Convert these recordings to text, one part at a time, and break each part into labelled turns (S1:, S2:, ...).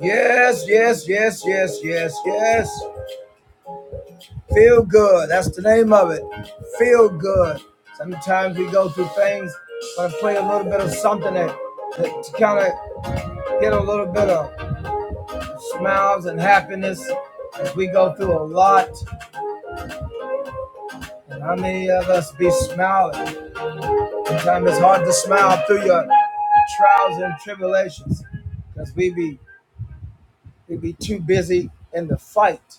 S1: Yes, yes, yes, yes, yes, yes. Feel good. That's the name of it. Feel good. Sometimes we go through things, but I play a little bit of something that, that to kind of get a little bit of smiles and happiness as we go through a lot. And how many of us be smiling? Sometimes it's hard to smile through your trials and tribulations because we be we be too busy in the fight.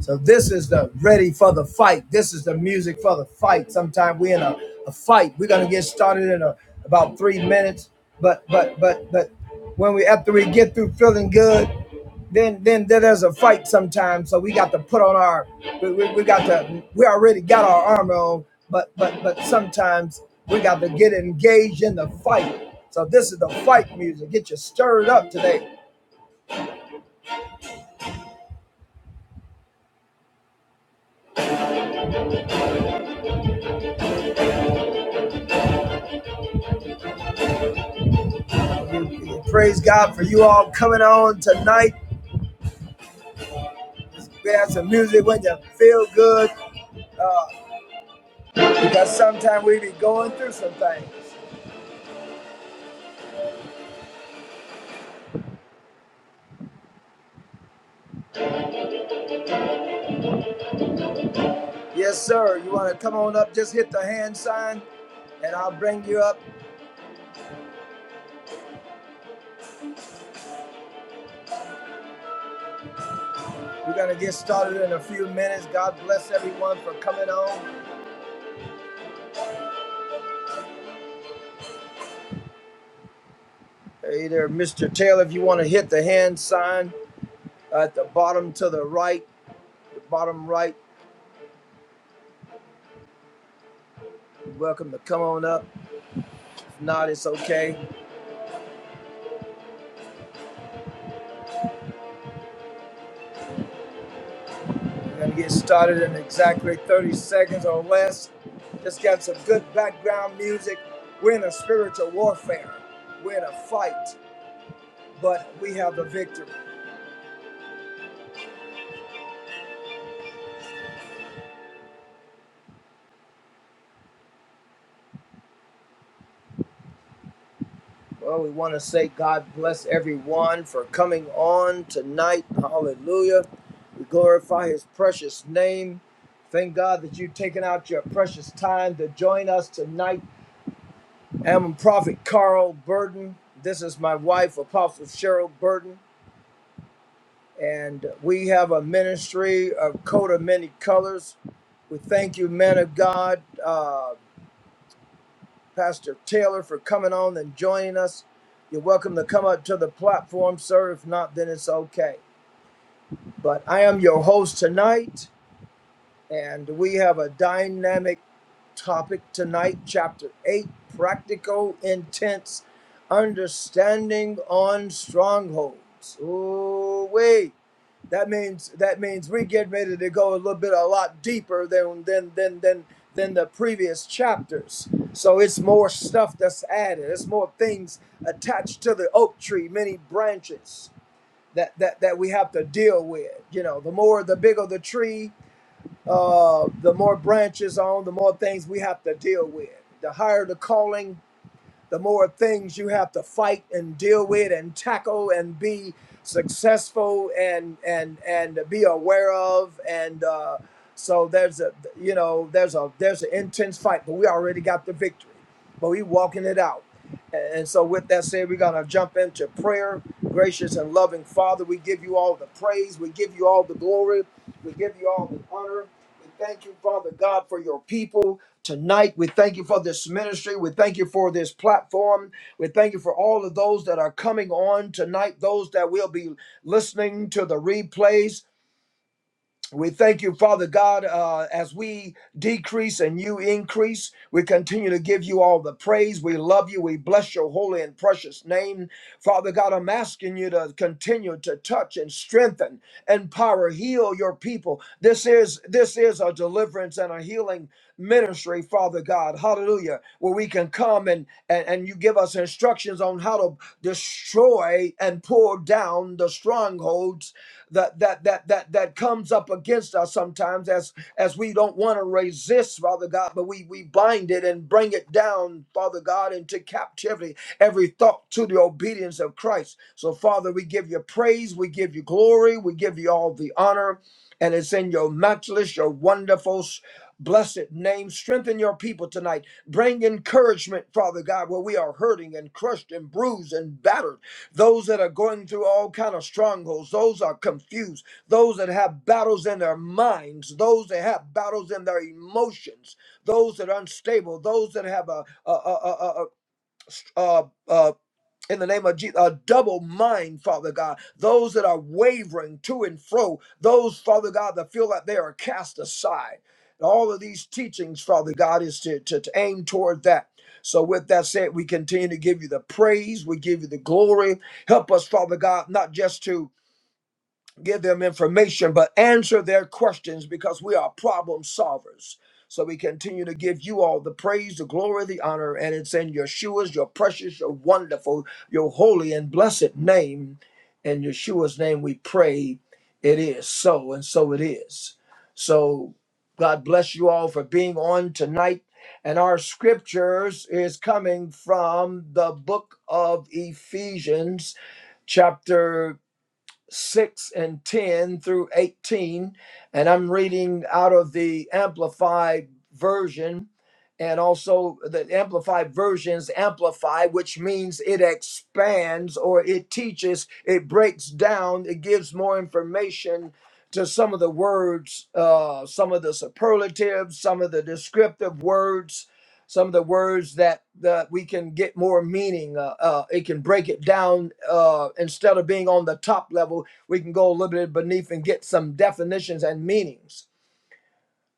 S1: So this is the ready for the fight. This is the music for the fight. Sometime we in a, a fight. We're gonna get started in a, about three minutes. But but but but when we after we get through feeling good, then then then there's a fight sometimes. So we got to put on our we, we, we got to we already got our armor on. But but but sometimes we got to get engaged in the fight. So this is the fight music. Get you stirred up today. Praise God for you all coming on tonight. We have some music when you feel good because sometimes we be going through some things. Yes, sir. You want to come on up? Just hit the hand sign and I'll bring you up. We're going to get started in a few minutes. God bless everyone for coming on. Hey there, Mr. Taylor. If you want to hit the hand sign at the bottom to the right, the bottom right, you're welcome to come on up. If not, it's okay. Gonna get started in exactly 30 seconds or less. Just got some good background music. We're in a spiritual warfare. We're in a fight, but we have the victory. Well, we want to say God bless everyone for coming on tonight. Hallelujah. We glorify his precious name. Thank God that you've taken out your precious time to join us tonight. I'm Prophet Carl Burden. This is my wife, Apostle Cheryl Burden. and we have a ministry of coat of many colors. We thank you, men of God, uh, Pastor Taylor, for coming on and joining us. You're welcome to come up to the platform, sir. If not, then it's okay. But I am your host tonight, and we have a dynamic topic tonight, Chapter 8 Practical, Intense Understanding on Strongholds. Oh wait. That means that means we get ready to go a little bit a lot deeper than than than than than the previous chapters. So it's more stuff that's added. It's more things attached to the oak tree, many branches that that that we have to deal with. You know, the more the bigger the tree, uh, the more branches on, the more things we have to deal with. The higher the calling, the more things you have to fight and deal with and tackle and be successful and and and be aware of. And uh, so there's a you know there's a there's an intense fight, but we already got the victory, but we walking it out. And so, with that said, we're going to jump into prayer. Gracious and loving Father, we give you all the praise. We give you all the glory. We give you all the honor. We thank you, Father God, for your people tonight. We thank you for this ministry. We thank you for this platform. We thank you for all of those that are coming on tonight, those that will be listening to the replays. We thank you, Father God, uh, as we decrease and you increase. We continue to give you all the praise. We love you. We bless your holy and precious name. Father God, I'm asking you to continue to touch and strengthen, empower, heal your people. This is this is a deliverance and a healing ministry, Father God. Hallelujah. Where we can come and, and, and you give us instructions on how to destroy and pull down the strongholds that that that that that comes up against us sometimes as as we don't want to resist, Father God, but we we bind it and bring it down, Father God, into captivity. Every thought to the obedience of Christ. So, Father, we give you praise, we give you glory, we give you all the honor, and it's in your matchless, your wonderful. Blessed name, strengthen your people tonight. Bring encouragement, Father God, where we are hurting and crushed and bruised and battered those that are going through all kind of strongholds those are confused those that have battles in their minds those that have battles in their emotions those that are unstable those that have a, a, a, a, a, in the name of Jesus, a double mind, Father God. Those that are wavering to and fro, those, Father God, that feel like they are cast aside. And all of these teachings, Father God, is to, to, to aim toward that. So, with that said, we continue to give you the praise, we give you the glory. Help us, Father God, not just to give them information, but answer their questions because we are problem solvers. So we continue to give you all the praise, the glory, the honor, and it's in Yeshua's, your precious, your wonderful, your holy and blessed name. In Yeshua's name we pray it is so, and so it is. So God bless you all for being on tonight. And our scriptures is coming from the book of Ephesians, chapter 6 and 10 through 18. And I'm reading out of the Amplified Version and also the Amplified Versions amplify, which means it expands or it teaches, it breaks down, it gives more information to some of the words, uh, some of the superlatives, some of the descriptive words some of the words that that we can get more meaning. Uh, uh, it can break it down uh, instead of being on the top level. We can go a little bit beneath and get some definitions and meanings.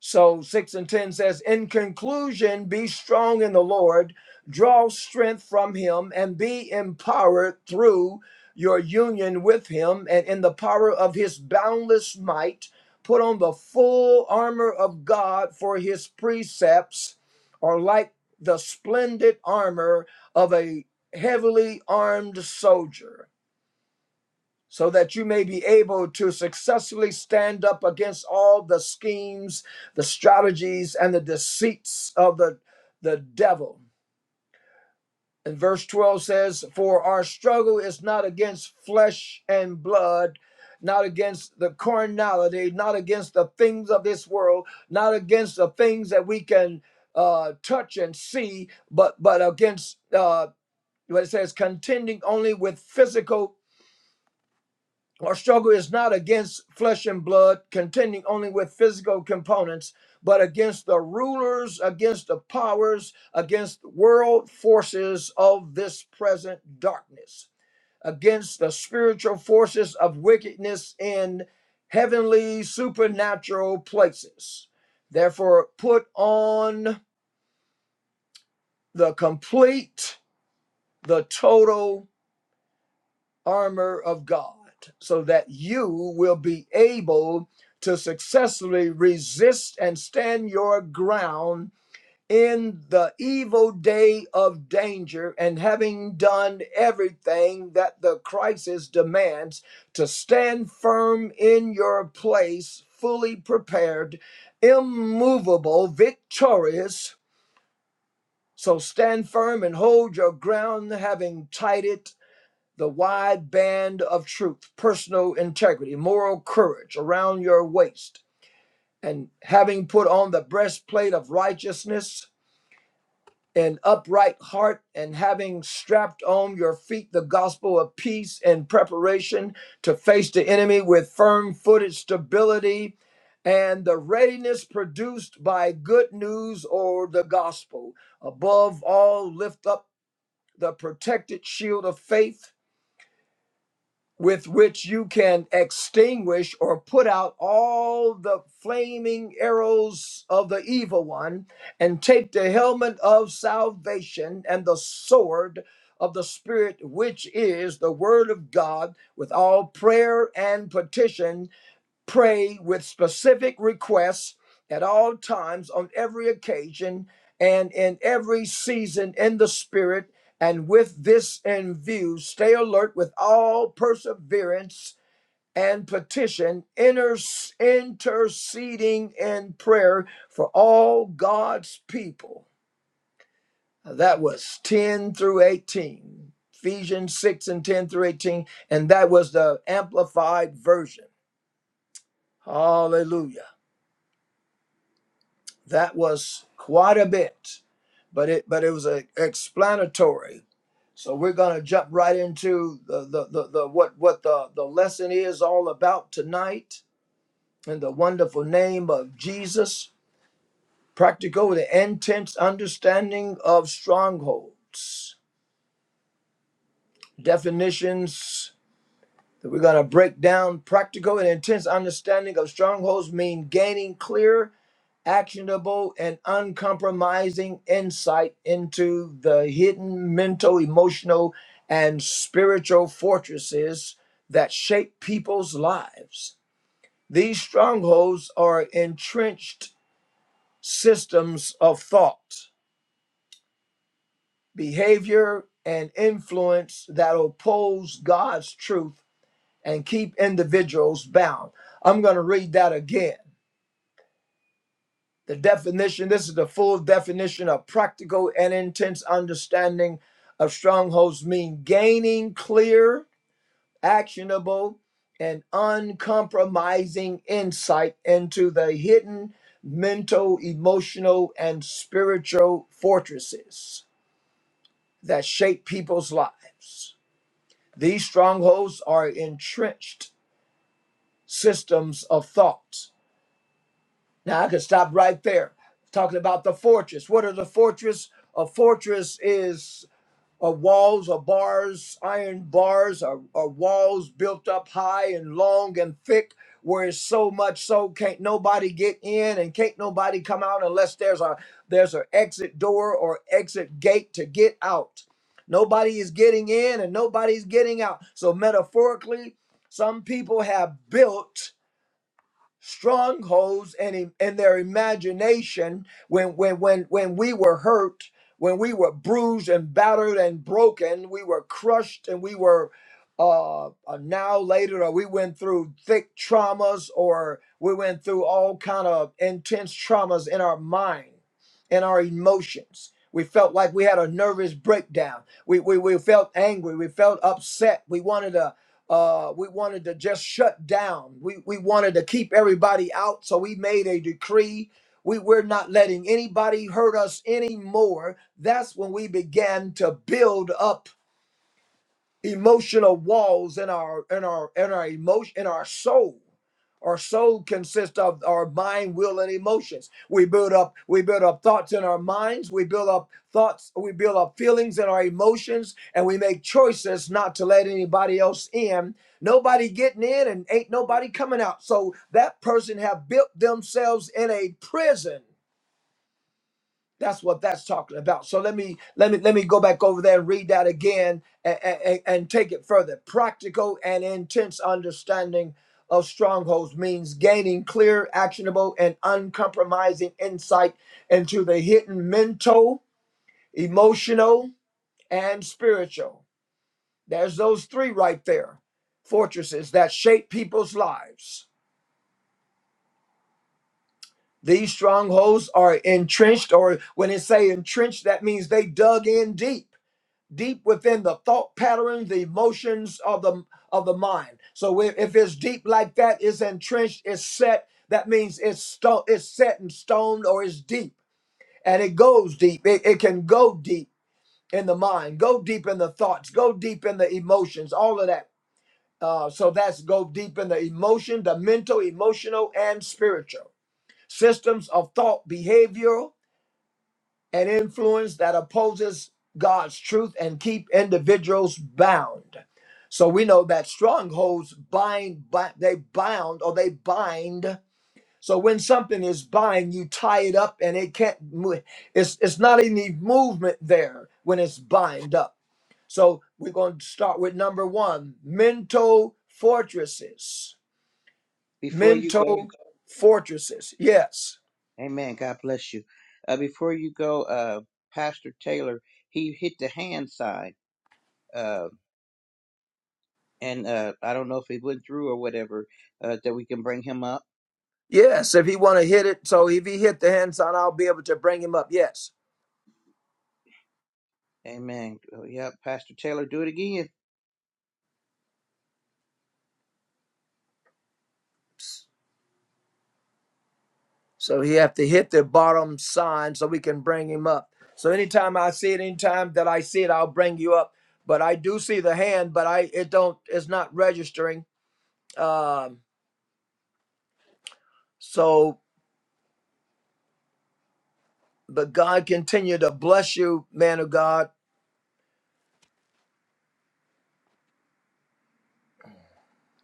S1: So 6 and 10 says, In conclusion, be strong in the Lord, draw strength from him, and be empowered through your union with him and in the power of his boundless might. Put on the full armor of God for his precepts are like the splendid armor of a heavily armed soldier so that you may be able to successfully stand up against all the schemes, the strategies, and the deceits of the, the devil. And verse 12 says, For our struggle is not against flesh and blood, not against the carnality, not against the things of this world, not against the things that we can uh, touch and see, but, but against uh, what it says, contending only with physical Our struggle is not against flesh and blood, contending only with physical components, but against the rulers, against the powers, against world forces of this present darkness, against the spiritual forces of wickedness in heavenly supernatural places. Therefore, put on the complete, the total armor of God so that you will be able to successfully resist and stand your ground in the evil day of danger and having done everything that the crisis demands to stand firm in your place fully prepared immovable victorious so stand firm and hold your ground having tied it the wide band of truth, personal integrity, moral courage around your waist, and having put on the breastplate of righteousness, an upright heart, and having strapped on your feet the gospel of peace and preparation to face the enemy with firm footed stability. And the readiness produced by good news or the gospel. Above all, lift up the protected shield of faith with which you can extinguish or put out all the flaming arrows of the evil one, and take the helmet of salvation and the sword of the Spirit, which is the Word of God, with all prayer and petition pray with specific requests at all times, on every occasion, and in every season in the Spirit. And with this in view, stay alert with all perseverance and petition, inter- interceding in prayer for all God's people. Now, That was 10 through 18, Ephesians 6 and 10 through 18, and that was the amplified version. Hallelujah. That was quite a bit, but it but it was a, explanatory. So we're gonna jump right into the the, the, the what what the, the lesson is all about tonight in the wonderful name of Jesus. Practical the intense understanding of strongholds. Definitions that we're gonna break down. Practical and intense understanding of strongholds mean gaining clear actionable and uncompromising insight into the hidden mental, emotional, and spiritual fortresses that shape people's lives. These strongholds are entrenched systems of thought, behavior, and influence that oppose God's truth and keep individuals bound. I'm going to read that again. The definition this is the full definition of practical and intense understanding of strongholds mean gaining clear, actionable, and uncompromising insight into the hidden mental, emotional, and spiritual fortresses that shape people's lives. These strongholds are entrenched systems of thought Now I could stop right there. Talking about the fortress. What are the fortress? A fortress is uh, walls or bars, iron bars or, or walls built up high and long and thick, where it's so much so can't nobody get in and can't nobody come out unless there's a there's an exit door or exit gate to get out. Nobody is getting in and nobody's getting out. So metaphorically, some people have built strongholds and in, their imagination when when when when we were hurt when we were bruised and battered and broken we were crushed and we were uh, uh now later or we went through thick traumas or we went through all kind of intense traumas in our mind and our emotions we felt like we had a nervous breakdown we, we we felt angry we felt upset we wanted to uh, we wanted to just shut down. We, we wanted to keep everybody out. So we made a decree. We, we're not letting anybody hurt us anymore. That's when we began to build up emotional walls in our in our in our emotion in our soul our soul consists of our mind will and emotions we build up we build up thoughts in our minds we build up thoughts we build up feelings in our emotions and we make choices not to let anybody else in nobody getting in and ain't nobody coming out so that person have built themselves in a prison that's what that's talking about. So let me let me let me go back over there and read that again and, and, and take it further. Practical and intense understanding of strongholds means gaining clear, actionable, and uncompromising insight into the hidden mental, emotional, and spiritual. There's those three right there. Fortresses that shape people's lives. These strongholds are entrenched, or when it say entrenched, that means they dug in deep deep within the thought patterns, the emotions of the of the mind. So if, if it's deep like that, it's entrenched, it's set. That means it's stone, it's set in stone, or it's deep, and it goes deep. It, it can go deep in the mind, go deep in the thoughts, go deep in the emotions, all of that. Uh, so that's go deep in the emotion, the mental, emotional, and spiritual systems of thought, behavior and influence that opposes God's truth and keep individuals bound. So we know that strongholds bind, bi- they bound or they bind. So when something is bind, you tie it up and it can't move. It's, it's not any movement there when it's bind up. So we're going to start with number one, mental fortresses.
S2: Before you go,
S1: Mental fortresses. Yes
S2: amen. God bless you. Uh, before you go, uh, Pastor Taylor, he hit the hand sign. Uh, and uh, I don't know if he went through or whatever, uh, that we can bring him up.
S1: Yes, if he want to hit it, so if he hit the hand sign, I'll be able to bring him up. Yes,
S2: Amen. Oh, yep, Pastor Taylor, do it again.
S1: so he have to hit the bottom sign so we can bring him up. So anytime I see it, anytime that I see it, I'll bring you up. But I do see the hand, but I it don't it's not registering. Um, so but God continue to bless you, man of God.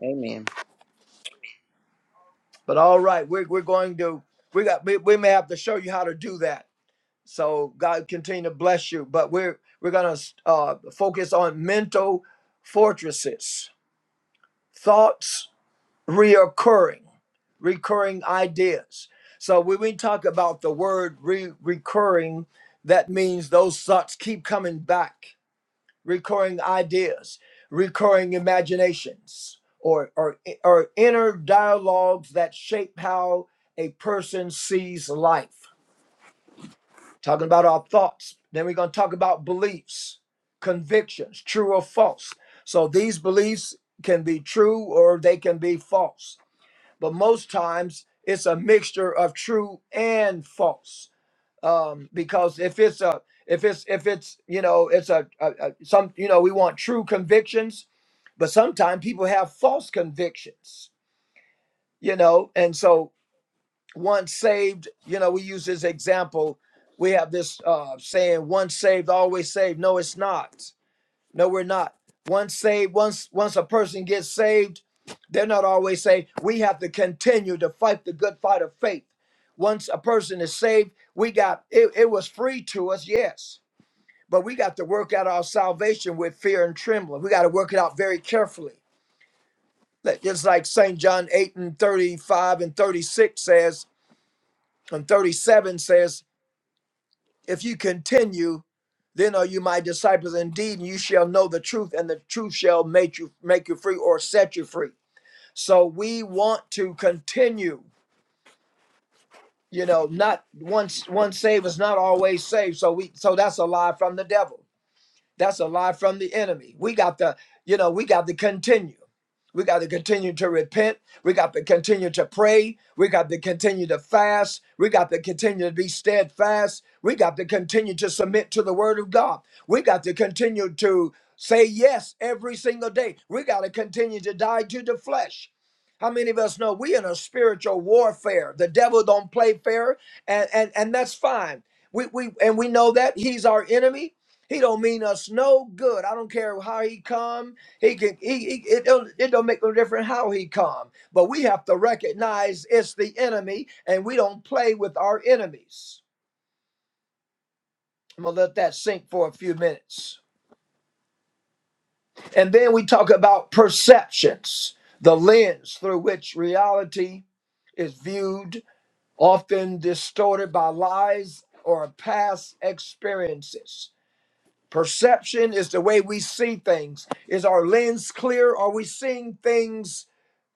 S2: Amen.
S1: But all right, we're we're going to we got we, we may have to show you how to do that So God continue to bless you. But we're we're gonna uh, focus on mental fortresses, thoughts reoccurring, recurring ideas. So when we talk about the word re- recurring, that means those thoughts keep coming back, recurring ideas, recurring imaginations, or or or inner dialogues that shape how a person sees life. talking about our thoughts. Then we're going to talk about beliefs, convictions, true or false. So these beliefs can be true or they can be false. But most times it's a mixture of true and false. Um, because if it's a if it's if it's you know it's a, a, a some you know we want true convictions, but sometimes people have false convictions. You know, and so once saved, you know, we use this example. We have this uh, saying, once saved, always saved. No, it's not. No, we're not. Once saved, once once a person gets saved, they're not always saved. We have to continue to fight the good fight of faith. Once a person is saved, we got it, it was free to us, yes. But we got to work out our salvation with fear and trembling. We got to work it out very carefully. Like- It's like St. John 8 and 35 and 36 says, and 37 says, If you continue, then are you my disciples indeed, and you shall know the truth, and the truth shall make you make you free or set you free. So we want to continue. You know, not once one saved is not always saved. So we so that's a lie from the devil. That's a lie from the enemy. We got to, you know, we got to continue. We got to continue to repent. We got to continue to pray. We got to continue to fast. We got to continue to be steadfast. We got to continue to submit to the word of God. We got to continue to say yes every single day. We got to continue to die to the flesh. How many of us know we in a spiritual warfare? The devil don't play fair, and and, and that's fine. We, we and we know that he's our enemy he don't mean us no good. I don't care how he come. He can. He, he it, don't, it don't make no difference how he come. But we have to recognize it's the enemy, and we don't play with our enemies. I'm gonna let that sink for a few minutes, and then we talk about perceptions, the lens through which reality is viewed, often distorted by lies or past experiences. Perception is the way we see things. Is our lens clear? Are we seeing things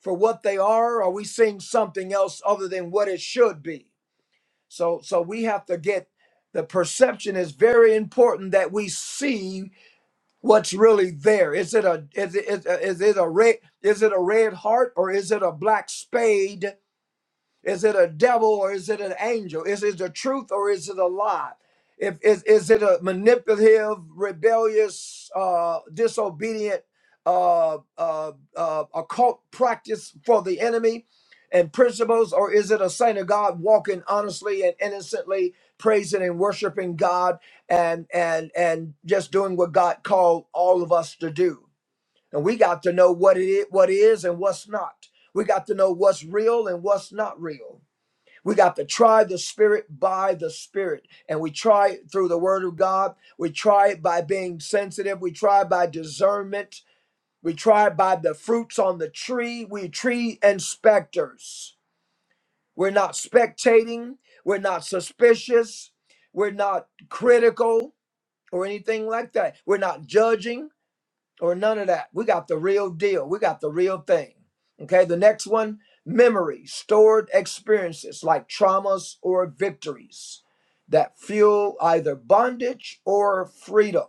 S1: for what they are? Are we seeing something else other than what it should be? So so we have to get the perception is very important that we see what's really there. Is it a is it is, is it a red is it a red heart or is it a black spade is it a devil or is it an angel? Is it the truth or is it a lie? If is, is it a manipulative, rebellious, uh, disobedient, uh, uh, uh, occult practice for the enemy and principles, or is it a saint of God walking honestly and innocently, praising and worshiping God, and and and just doing what God called all of us to do? And we got to know what it is, what is, and what's not. We got to know what's real and what's not real. We got to try the spirit by the spirit. And we try it through the word of God. We try it by being sensitive. We try by discernment. We try by the fruits on the tree. We are tree inspectors. We're not spectating. We're not suspicious. We're not critical or anything like that. We're not judging or none of that. We got the real deal. We got the real thing. Okay. The next one memory, stored experiences like traumas or victories that fuel either bondage or freedom.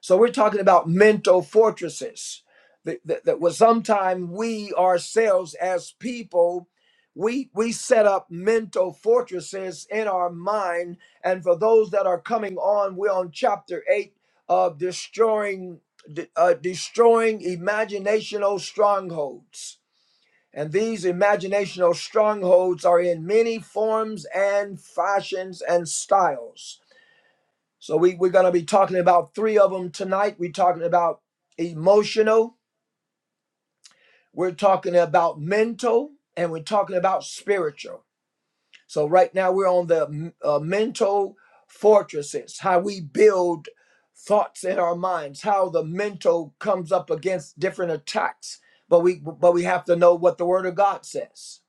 S1: So we're talking about mental fortresses that, that, that was sometime we ourselves as people, we, we set up mental fortresses in our mind. And for those that are coming on, we're on chapter eight of destroying, de- uh, destroying imaginational strongholds. And these imaginational strongholds are in many forms and fashions and styles. So we, we're going to be talking about three of them tonight. We're talking about emotional, we're talking about mental, and we're talking about spiritual. So right now we're on the uh, mental fortresses, how we build thoughts in our minds, how the mental comes up against different attacks. But we but we have to know what the word of God says.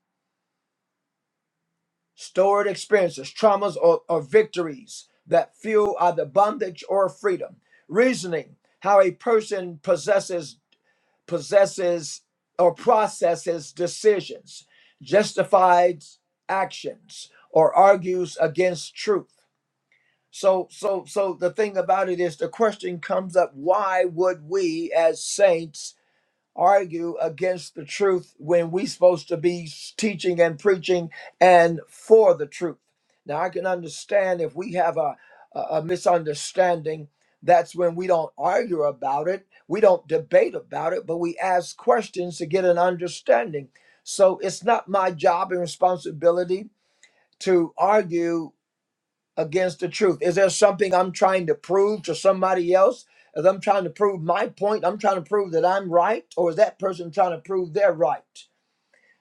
S1: Stored experiences, traumas, or, or victories that fuel either bondage or freedom. Reasoning, how a person possesses, possesses or processes decisions, justifies actions, or argues against truth. So, so, so the thing about it is, the question comes up: Why would we, as saints, argue against the truth when we are supposed to be teaching and preaching and for the truth. Now I can understand if we have a a a misunderstanding, that's when we don't argue about it, we don't debate about it, but we ask questions to get an understanding. So it's not my job and responsibility to argue against the truth? Is there something I'm trying to prove to somebody else? As I'm trying to prove my point, I'm trying to prove that I'm right, or is that person trying to prove they're right?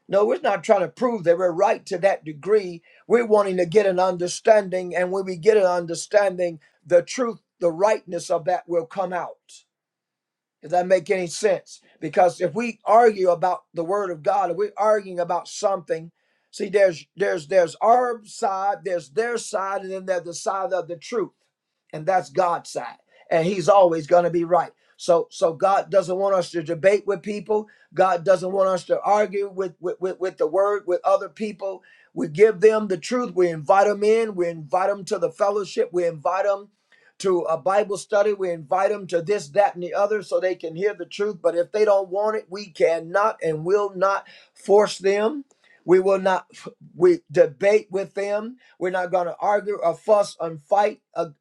S1: No, we're not trying to prove that we're right to that degree. We're wanting to get an understanding, and when we get an understanding, the truth, the rightness of that will come out. Does that make any sense? Because if we argue about the word of God, if we're arguing about something, see, there's there's there's our side, there's their side, and then there's the side of the truth, and that's God's side, and He's always going to be right. So so God doesn't want us to debate with people. God doesn't want us to argue with with with, with the word with other people. We give them the truth. We invite them in. We invite them to the fellowship. We invite them to a Bible study. We invite them to this, that, and the other so they can hear the truth. But if they don't want it, we cannot and will not force them. We will not we debate with them. We're not going to argue or fuss and fight a-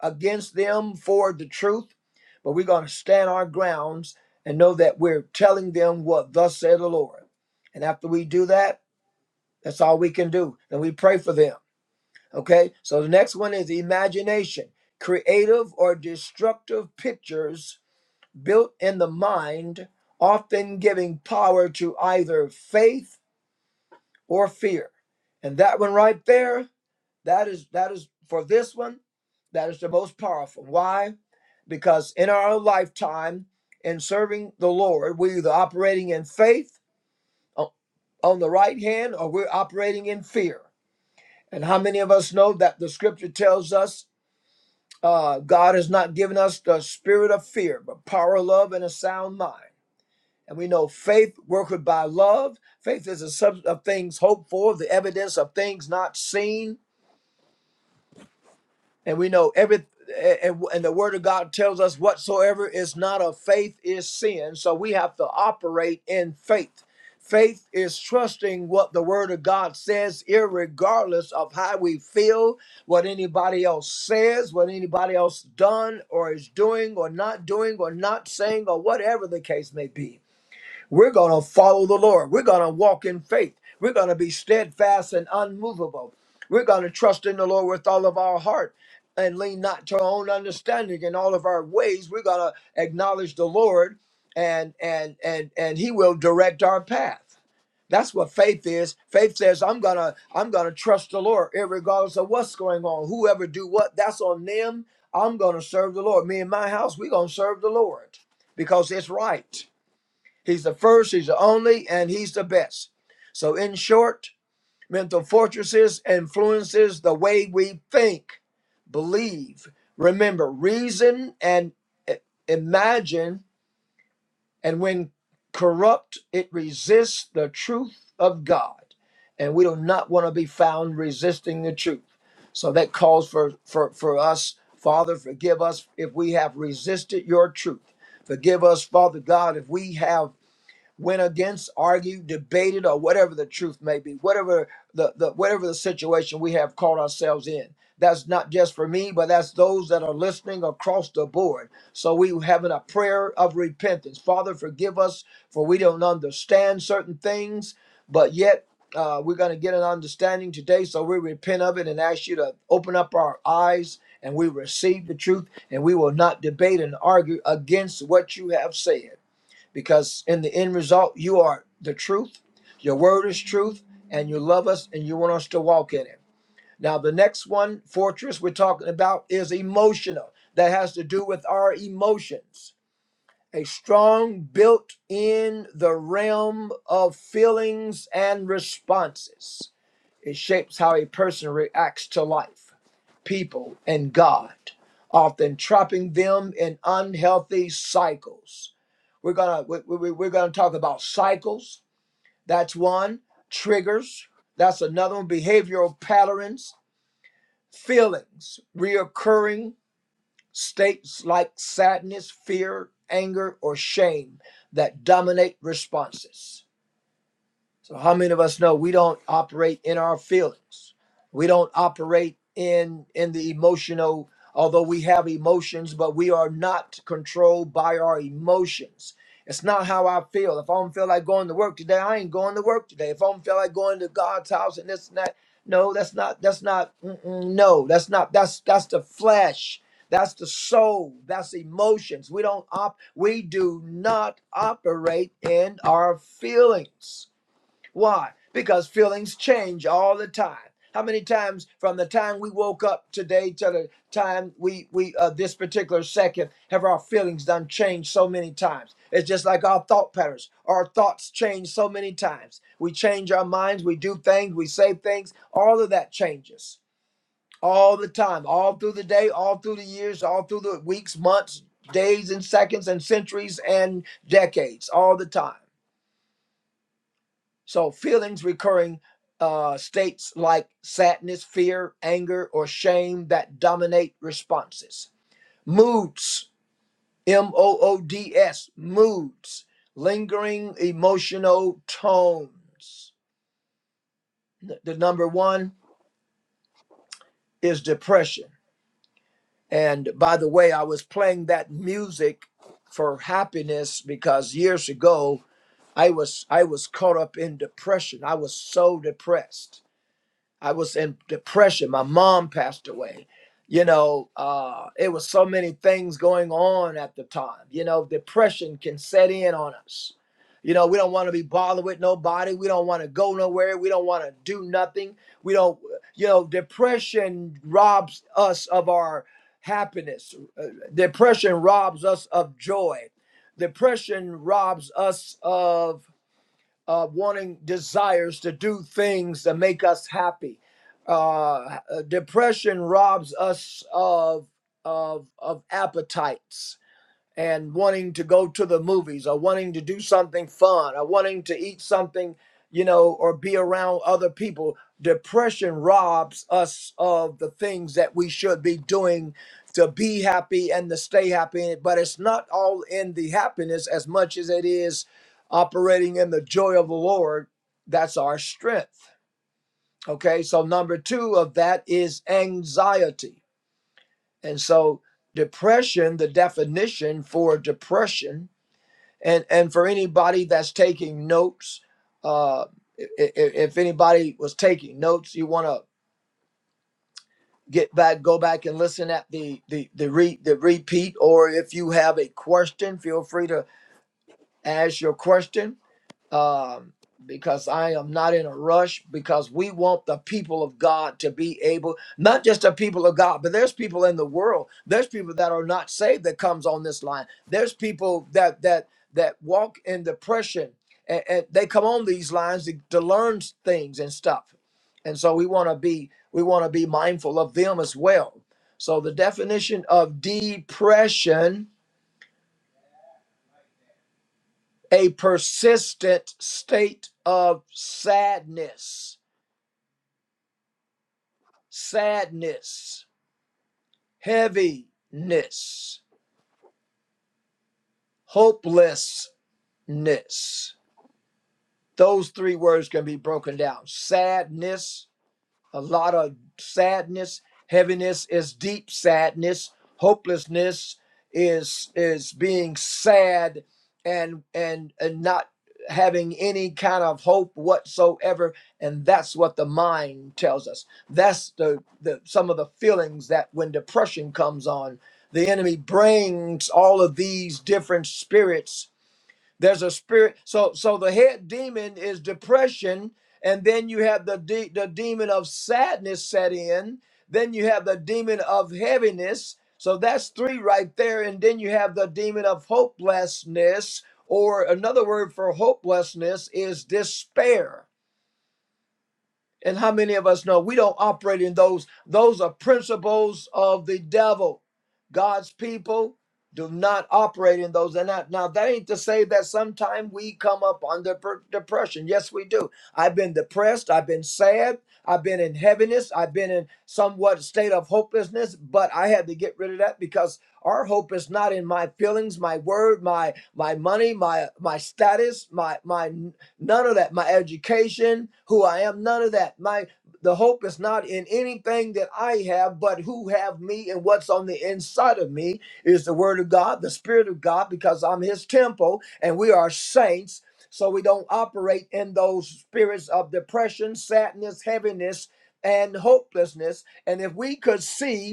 S1: against them for the truth, but we're going to stand our grounds and know that we're telling them what thus said the Lord. And after we do that, that's all we can do. And we pray for them. Okay, so the next one is imagination, creative or destructive pictures built in the mind, often giving power to either faith or fear. And that one right there, that is that is for this one, that is the most powerful. Why? Because in our lifetime, in serving the Lord, we're either operating in faith o- on the right hand or we're operating in fear. And how many of us know that the scripture tells us Uh, God has not given us the spirit of fear, but power, love, and a sound mind. And we know faith worketh by love. Faith is a substance of things hoped for, the evidence of things not seen. And we know every and, and the word of God tells us whatsoever is not of faith is sin. So we have to operate in faith. Faith is trusting what the word of God says, irregardless of how we feel, what anybody else says, what anybody else done or is doing or not doing or not saying or whatever the case may be. We're going to follow the Lord. We're going to walk in faith. We're going to be steadfast and unmovable. We're going to trust in the Lord with all of our heart and lean not to our own understanding in all of our ways. We're going to acknowledge the Lord and and and and he will direct our path. That's what faith is. Faith says I'm going to I'm going to trust the Lord regardless of what's going on. Whoever do what, that's on them. I'm going to serve the Lord. Me and my house, we're going to serve the Lord because it's right. He's the first, he's the only, and he's the best. So, in short, mental fortresses influences the way we think, believe, remember, reason, and i- imagine. And when corrupt, it resists the truth of God. And we do not want to be found resisting the truth. So that calls for, for, for us, Father, forgive us if we have resisted your truth. Forgive us, Father God, if we have went against, argued, debated, or whatever the truth may be, whatever the, the whatever the situation we have caught ourselves in. That's not just for me, but that's those that are listening across the board. So we having a prayer of repentance. Father, forgive us for we don't understand certain things, but yet uh, we're going to get an understanding today. So we repent of it and ask you to open up our eyes and we receive the truth and we will not debate and argue against what you have said because in the end result, you are the truth. Your word is truth, and you love us and you want us to walk in it. Now, the next one, fortress, we're talking about is emotional. That has to do with our emotions. A strong built in the realm of feelings and responses. It shapes how a person reacts to life, people, and God, often trapping them in unhealthy cycles. We're gonna we, we, we're gonna talk about cycles. That's one. Triggers. That's another one. Behavioral patterns. Feelings. Reoccurring states like sadness, fear, anger, or shame that dominate responses. So, how many of us know we don't operate in our feelings? We don't operate in in the emotional. Although we have emotions, but we are not controlled by our emotions. It's not how I feel. If I don't feel like going to work today, I ain't going to work today. If I don't feel like going to God's house and this and that, no, that's not. That's not. Mm-mm, no, that's not. That's that's the flesh. That's the soul. That's emotions. We don't op. We do not operate in our feelings. Why? Because feelings change all the time. How many times from the time we woke up today to the time we we uh, this particular second have our feelings done changed so many times? It's just like our thought patterns. Our thoughts change so many times. We change our minds. We do things. We say things. All of that changes all the time, all through the day, all through the years, all through the weeks, months, days, and seconds, and centuries and decades, all the time. So feelings recurring uh, states like sadness, fear, anger, or shame that dominate responses. Moods, M O O D S, moods, lingering emotional tones. The number one is depression. And by the way, I was playing that music for happiness because years ago I was I was caught up in depression. I was so depressed I was in depression. My mom passed away. You know, uh, it was so many things going on at the time. You know, depression can set in on us. You know, we don't want to be bothered with nobody. We don't want to go nowhere. We don't want to do nothing. We don't, you know, depression robs us of our happiness. Uh, Depression robs us of joy. Depression robs us of uh, wanting desires to do things that make us happy. Uh, depression robs us of of of appetites and wanting to go to the movies or wanting to do something fun or wanting to eat something, you know, or be around other people. Depression robs us of the things that we should be doing to be happy and to stay happy. But it's not all in the happiness as much as it is operating in the joy of the Lord. That's our strength. Okay. So, number two of that is anxiety. And so, depression, the definition for depression and and for anybody that's taking notes uh if, if anybody was taking notes you want to get back go back and listen at the the the, re, the repeat or if you have a question feel free to ask your question um, because I am not in a rush because we want the people of God to be able, not just the people of God, but there's people in the world. There's people that are not saved that comes on this line. There's people that that that walk in depression and, and they come on these lines to, to learn things and stuff. And so we want to be we want to be mindful of them as well. So the definition of depression, a persistent state of sadness sadness, heaviness, hopelessness. Those three words can be broken down sadness, a lot of sadness heaviness is deep sadness hopelessness is is being sad and and and not having any kind of hope whatsoever and that's what the mind tells us that's the, the some of the feelings that when depression comes on the enemy brings all of these different spirits there's a spirit. So so the head demon is depression, and then you have the de- the demon of sadness set in. Then you have the demon of heaviness. So that's three right there, and then you have the demon of hopelessness, or another word for hopelessness is despair. And how many of us know we don't operate in those? Those are principles of the devil. God's people do not operate in those. And that, now that ain't to say that sometimes we come up under per- depression. Yes, we do. I've been depressed. I've been sad. I've been in heaviness. I've been in somewhat state of hopelessness. But I had to get rid of that because our hope is not in my feelings, my word, my my money, my my status, my my none of that. My education, who I am, none of that. My the hope is not in anything that I have, but who have me and what's on the inside of me is the word of God, the spirit of God, because I'm his temple and we are saints. So we don't operate in those spirits of depression, sadness, heaviness, and hopelessness. And if we could see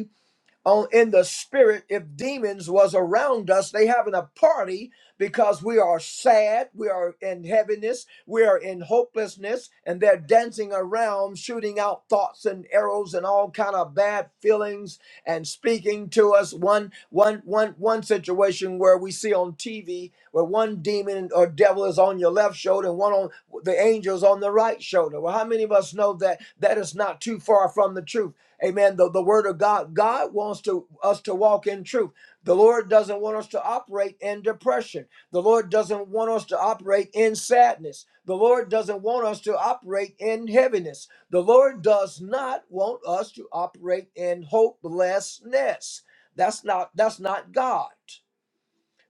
S1: on in the spirit if demons was around us they having a party because we are sad we are in heaviness we are in hopelessness and they're dancing around shooting out thoughts and arrows and all kind of bad feelings and speaking to us one one one one situation where we see on tv where one demon or devil is on your left shoulder and one on the angels on the right shoulder well how many of us know that that is not too far from the truth Amen. The, the word of God. God wants to us to walk in truth. The Lord doesn't want us to operate in depression. The Lord doesn't want us to operate in sadness. The Lord doesn't want us to operate in heaviness. The Lord does not want us to operate in hopelessness. That's not that's not God.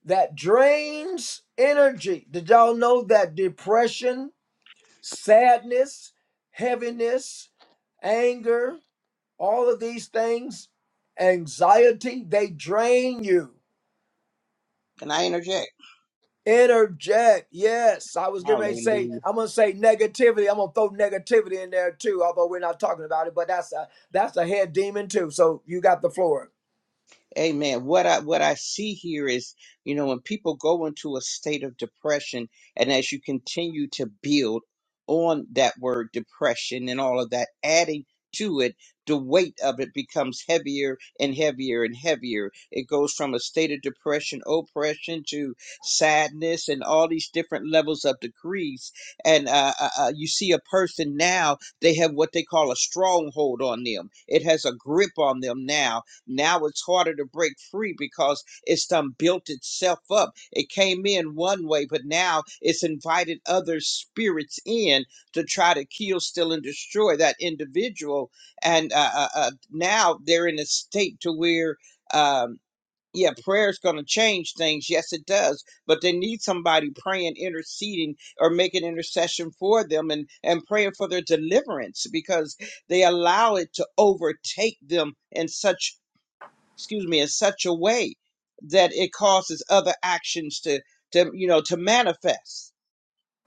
S1: That drains energy. Did y'all know that depression, sadness, heaviness, anger all of these things, anxiety, they drain you.
S2: Can I interject?
S1: Interject. Yes, I was getting ready to say,
S2: Hallelujah.
S1: I'm going to say negativity. I'm going to throw negativity in there too, although we're not talking about it, but that's a, that's a head demon too. So you got the floor.
S2: Amen. What I what I see here is, you know, when people go into a state of depression, and as you continue to build on that word depression and all of that, adding to it, the weight of it becomes heavier and heavier and heavier. It goes from a state of depression, oppression to sadness, and all these different levels of degrees. And uh, uh, uh, you see a person now; they have what they call a stronghold on them. It has a grip on them now now it's harder to break free because it's done built itself up. It came in one way, but now it's invited other spirits in to try to kill, steal, and destroy that individual. And uh, uh, uh, now they're in a state to where, um, yeah, prayer is going to change things. Yes, it does. But they need somebody praying, interceding, or making intercession for them and, and praying for their deliverance because they allow it to overtake them in such excuse me, in such a way that it causes other actions to, to you know, to manifest.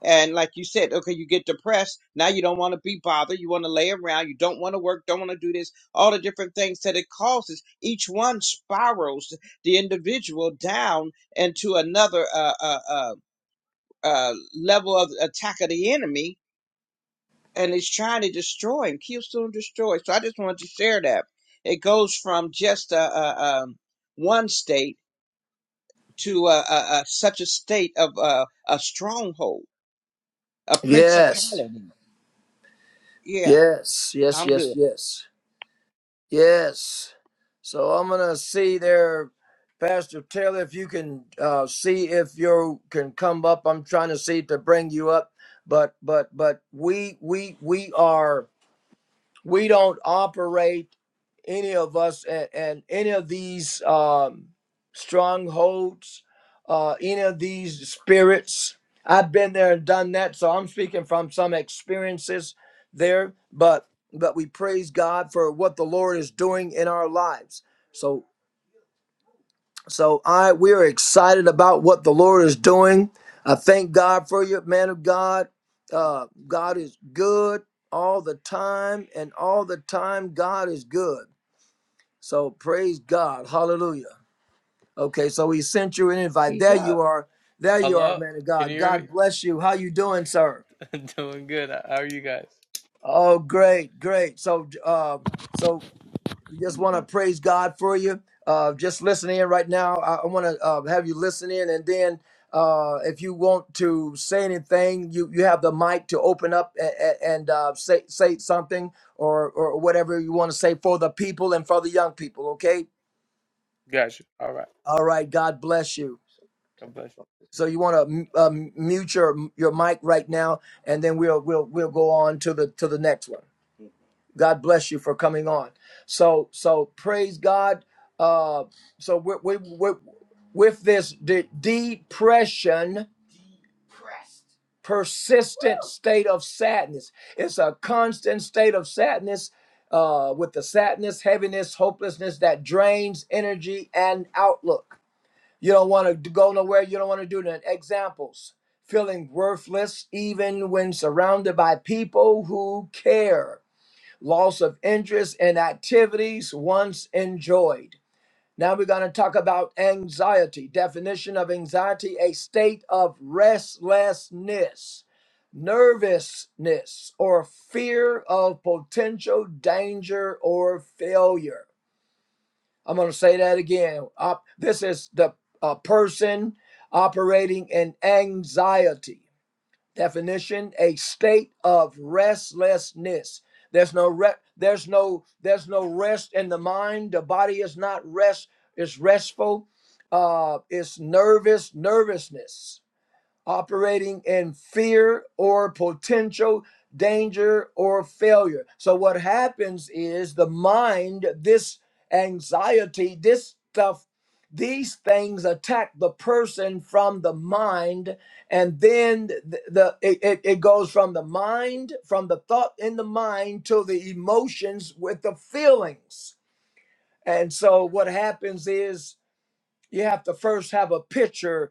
S2: And like you said, okay, you get depressed. Now you don't want to be bothered. You want to lay around. You don't want to work. Don't want to do this. All the different things that it causes. Each one spirals the individual down into another uh, uh, uh, uh, level of attack of the enemy, and it's trying to destroy and kill, steal, and destroy. So I just wanted to share that. It goes from just a, a, um one state to uh, uh, uh, such a state of uh, a stronghold, a
S1: Yes,
S2: principality. Yeah,
S1: yes, yes,
S2: I'm
S1: yes,
S2: good.
S1: yes. Yes. So I'm going to see there, Pastor Taylor, if you can uh, see if you can come up. I'm trying to see to bring you up, but but but we we we are we don't operate any of us and, and any of these um, strongholds, uh, any of these spirits. I've been there and done that, so I'm speaking from some experiences there. But but we praise God for what the Lord is doing in our lives. So so I we are excited about what the Lord is doing. I thank God for you, man of God. Uh, God is good all the time, and all the time God is good. So praise God. Hallelujah. Okay, so he sent you an invite. Praise There God. you are. There you are,
S3: Hello?
S1: man of
S3: Can you
S1: God.
S3: hear
S1: God
S3: me?
S1: bless you. How you doing, sir?
S3: Doing good. How are you guys?
S1: Oh, great, great. So uh, so just want to praise God for you. Uh, just listen in right now. I, I want to uh, have you listen in, and then uh, if you want to say anything, you, you have the mic to open up and, and uh, say say something or or whatever you want to say for the people and for the young people. Okay.
S3: Got you. All right.
S1: All right. God bless you.
S3: God bless
S1: So you want to um, mute your your mic right now, and then we'll we'll we'll go on to the to the next one. God bless you for coming on. So so praise God. Uh, so we we we with this de- depression, persistent state of sadness. It's a constant state of sadness. Uh, with the sadness, heaviness, hopelessness that drains energy and outlook. You don't want to go nowhere. You don't want to do that. Examples feeling worthless even when surrounded by people who care, loss of interest in activities once enjoyed. Now we're going to talk about anxiety. Definition of anxiety a state of restlessness, nervousness, or fear of potential danger or failure. I'm going to say that again. Op- this is the uh, person operating in anxiety. Definition: a state of restlessness. There's no re- there's no there's no rest in the mind. The body is not rest. It's restful. Uh, it's nervous nervousness operating in fear or potential danger or failure. So, what happens is the mind, this anxiety, this stuff, these things attack the person from the mind, and then the, the it, it it goes from the mind, from the thought in the mind to the emotions with the feelings. And so, what happens is you have to first have a picture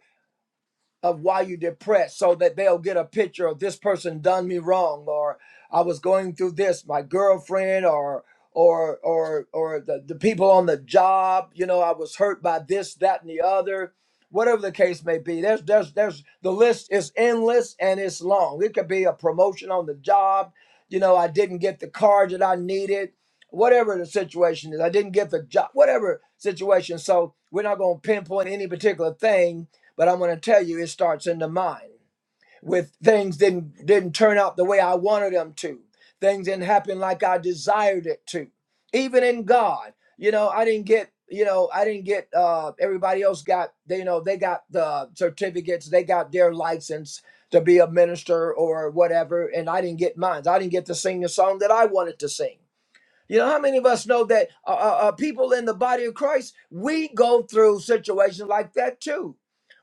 S1: of why you're depressed so that they'll get a picture of this person done me wrong or I was going through this, my girlfriend or or or or the, the people on the job, you know, I was hurt by this, that, and the other. Whatever the case may be. There's there's there's the list is endless and it's long. It could be a promotion on the job, you know, I didn't get the car that I needed, whatever the situation is, I didn't get the job, whatever situation. So we're not gonna pinpoint any particular thing but I'm going to tell you, it starts in the mind. With things didn't didn't turn out the way I wanted them to. Things didn't happen like I desired it to. Even in God, you know, I didn't get, you know, I didn't get. Uh, everybody else got, they, you know, they got the certificates, they got their license to be a minister or whatever, and I didn't get mine. I didn't get to sing the song that I wanted to sing. You know how many of us know that uh, uh, uh, people in the body of Christ we go through situations like that too.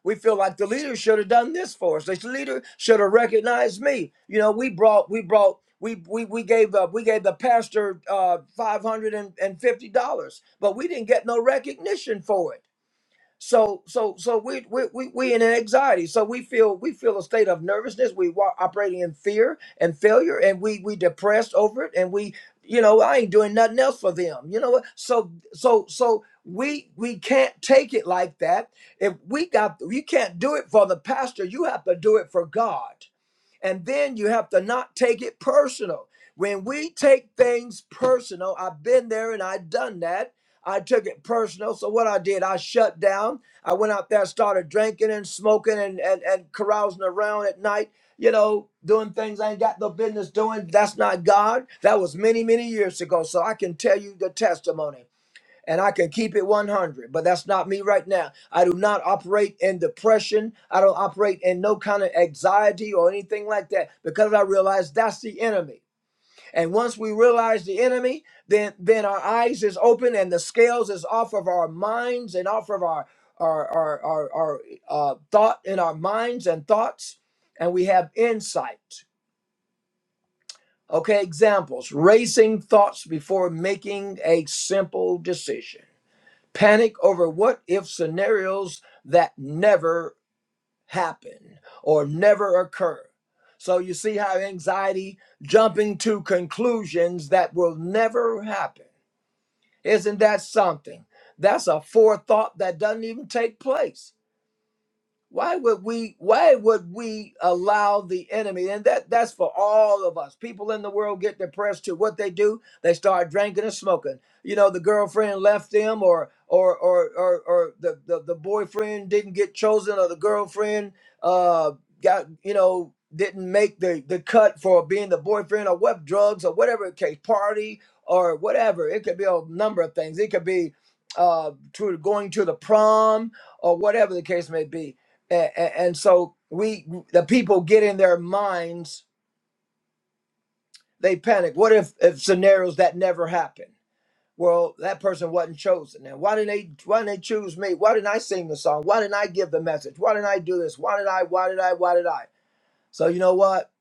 S1: We feel like the leader should have done this for us. This leader should have recognized me. You know, we brought we brought we we we gave up we gave the pastor uh, five hundred and fifty dollars, but we didn't get no recognition for it. So so so we we we we in an anxiety. So we feel we feel a state of nervousness. We wa- operating in fear and failure, and we we depressed over it, and we you know I ain't doing nothing else for them. You know what? So so so we we can't take it like that. If we got you can't do it for the pastor, you have to do it for God. And then you have to not take it personal. When we take things personal, I've been there and I've done that. I took it personal. So what I did, I shut down. I went out there, started drinking and smoking and, and, and carousing around at night, you know, doing things I ain't got no business doing. That's not God. That was many, many years ago. So I can tell you the testimony and I could keep it 100, but that's not me right now. I do not operate in depression. I don't operate in no kind of anxiety or anything like that because I realize that's the enemy. And once we realize the enemy, then then our eyes is open and the scales is off of our minds and off of our our our our, our uh, thought in our minds and thoughts, and we have insight. Okay, examples: racing thoughts before making a simple decision panic over what if scenarios that never happen or never occur. So you see how anxiety jumping to conclusions that will never happen. Isn't that something? That's a forethought that doesn't even take place why would we why would we allow the enemy and that that's for all of us people in the world get depressed to what they do they start drinking and smoking you know the girlfriend left them or or or or, or the, the the boyfriend didn't get chosen or the girlfriend uh got you know didn't make the the cut for being the boyfriend or what drugs or whatever it case party or whatever it could be a number of things it could be uh to going to the prom or whatever the case may be and, and so we the people get in their minds they panic what if if scenarios that never happen well that person wasn't chosen and why didn't they why didn't they choose me why didn't i sing the song why didn't i give the message why didn't i do this why did i why did i why did i so you know what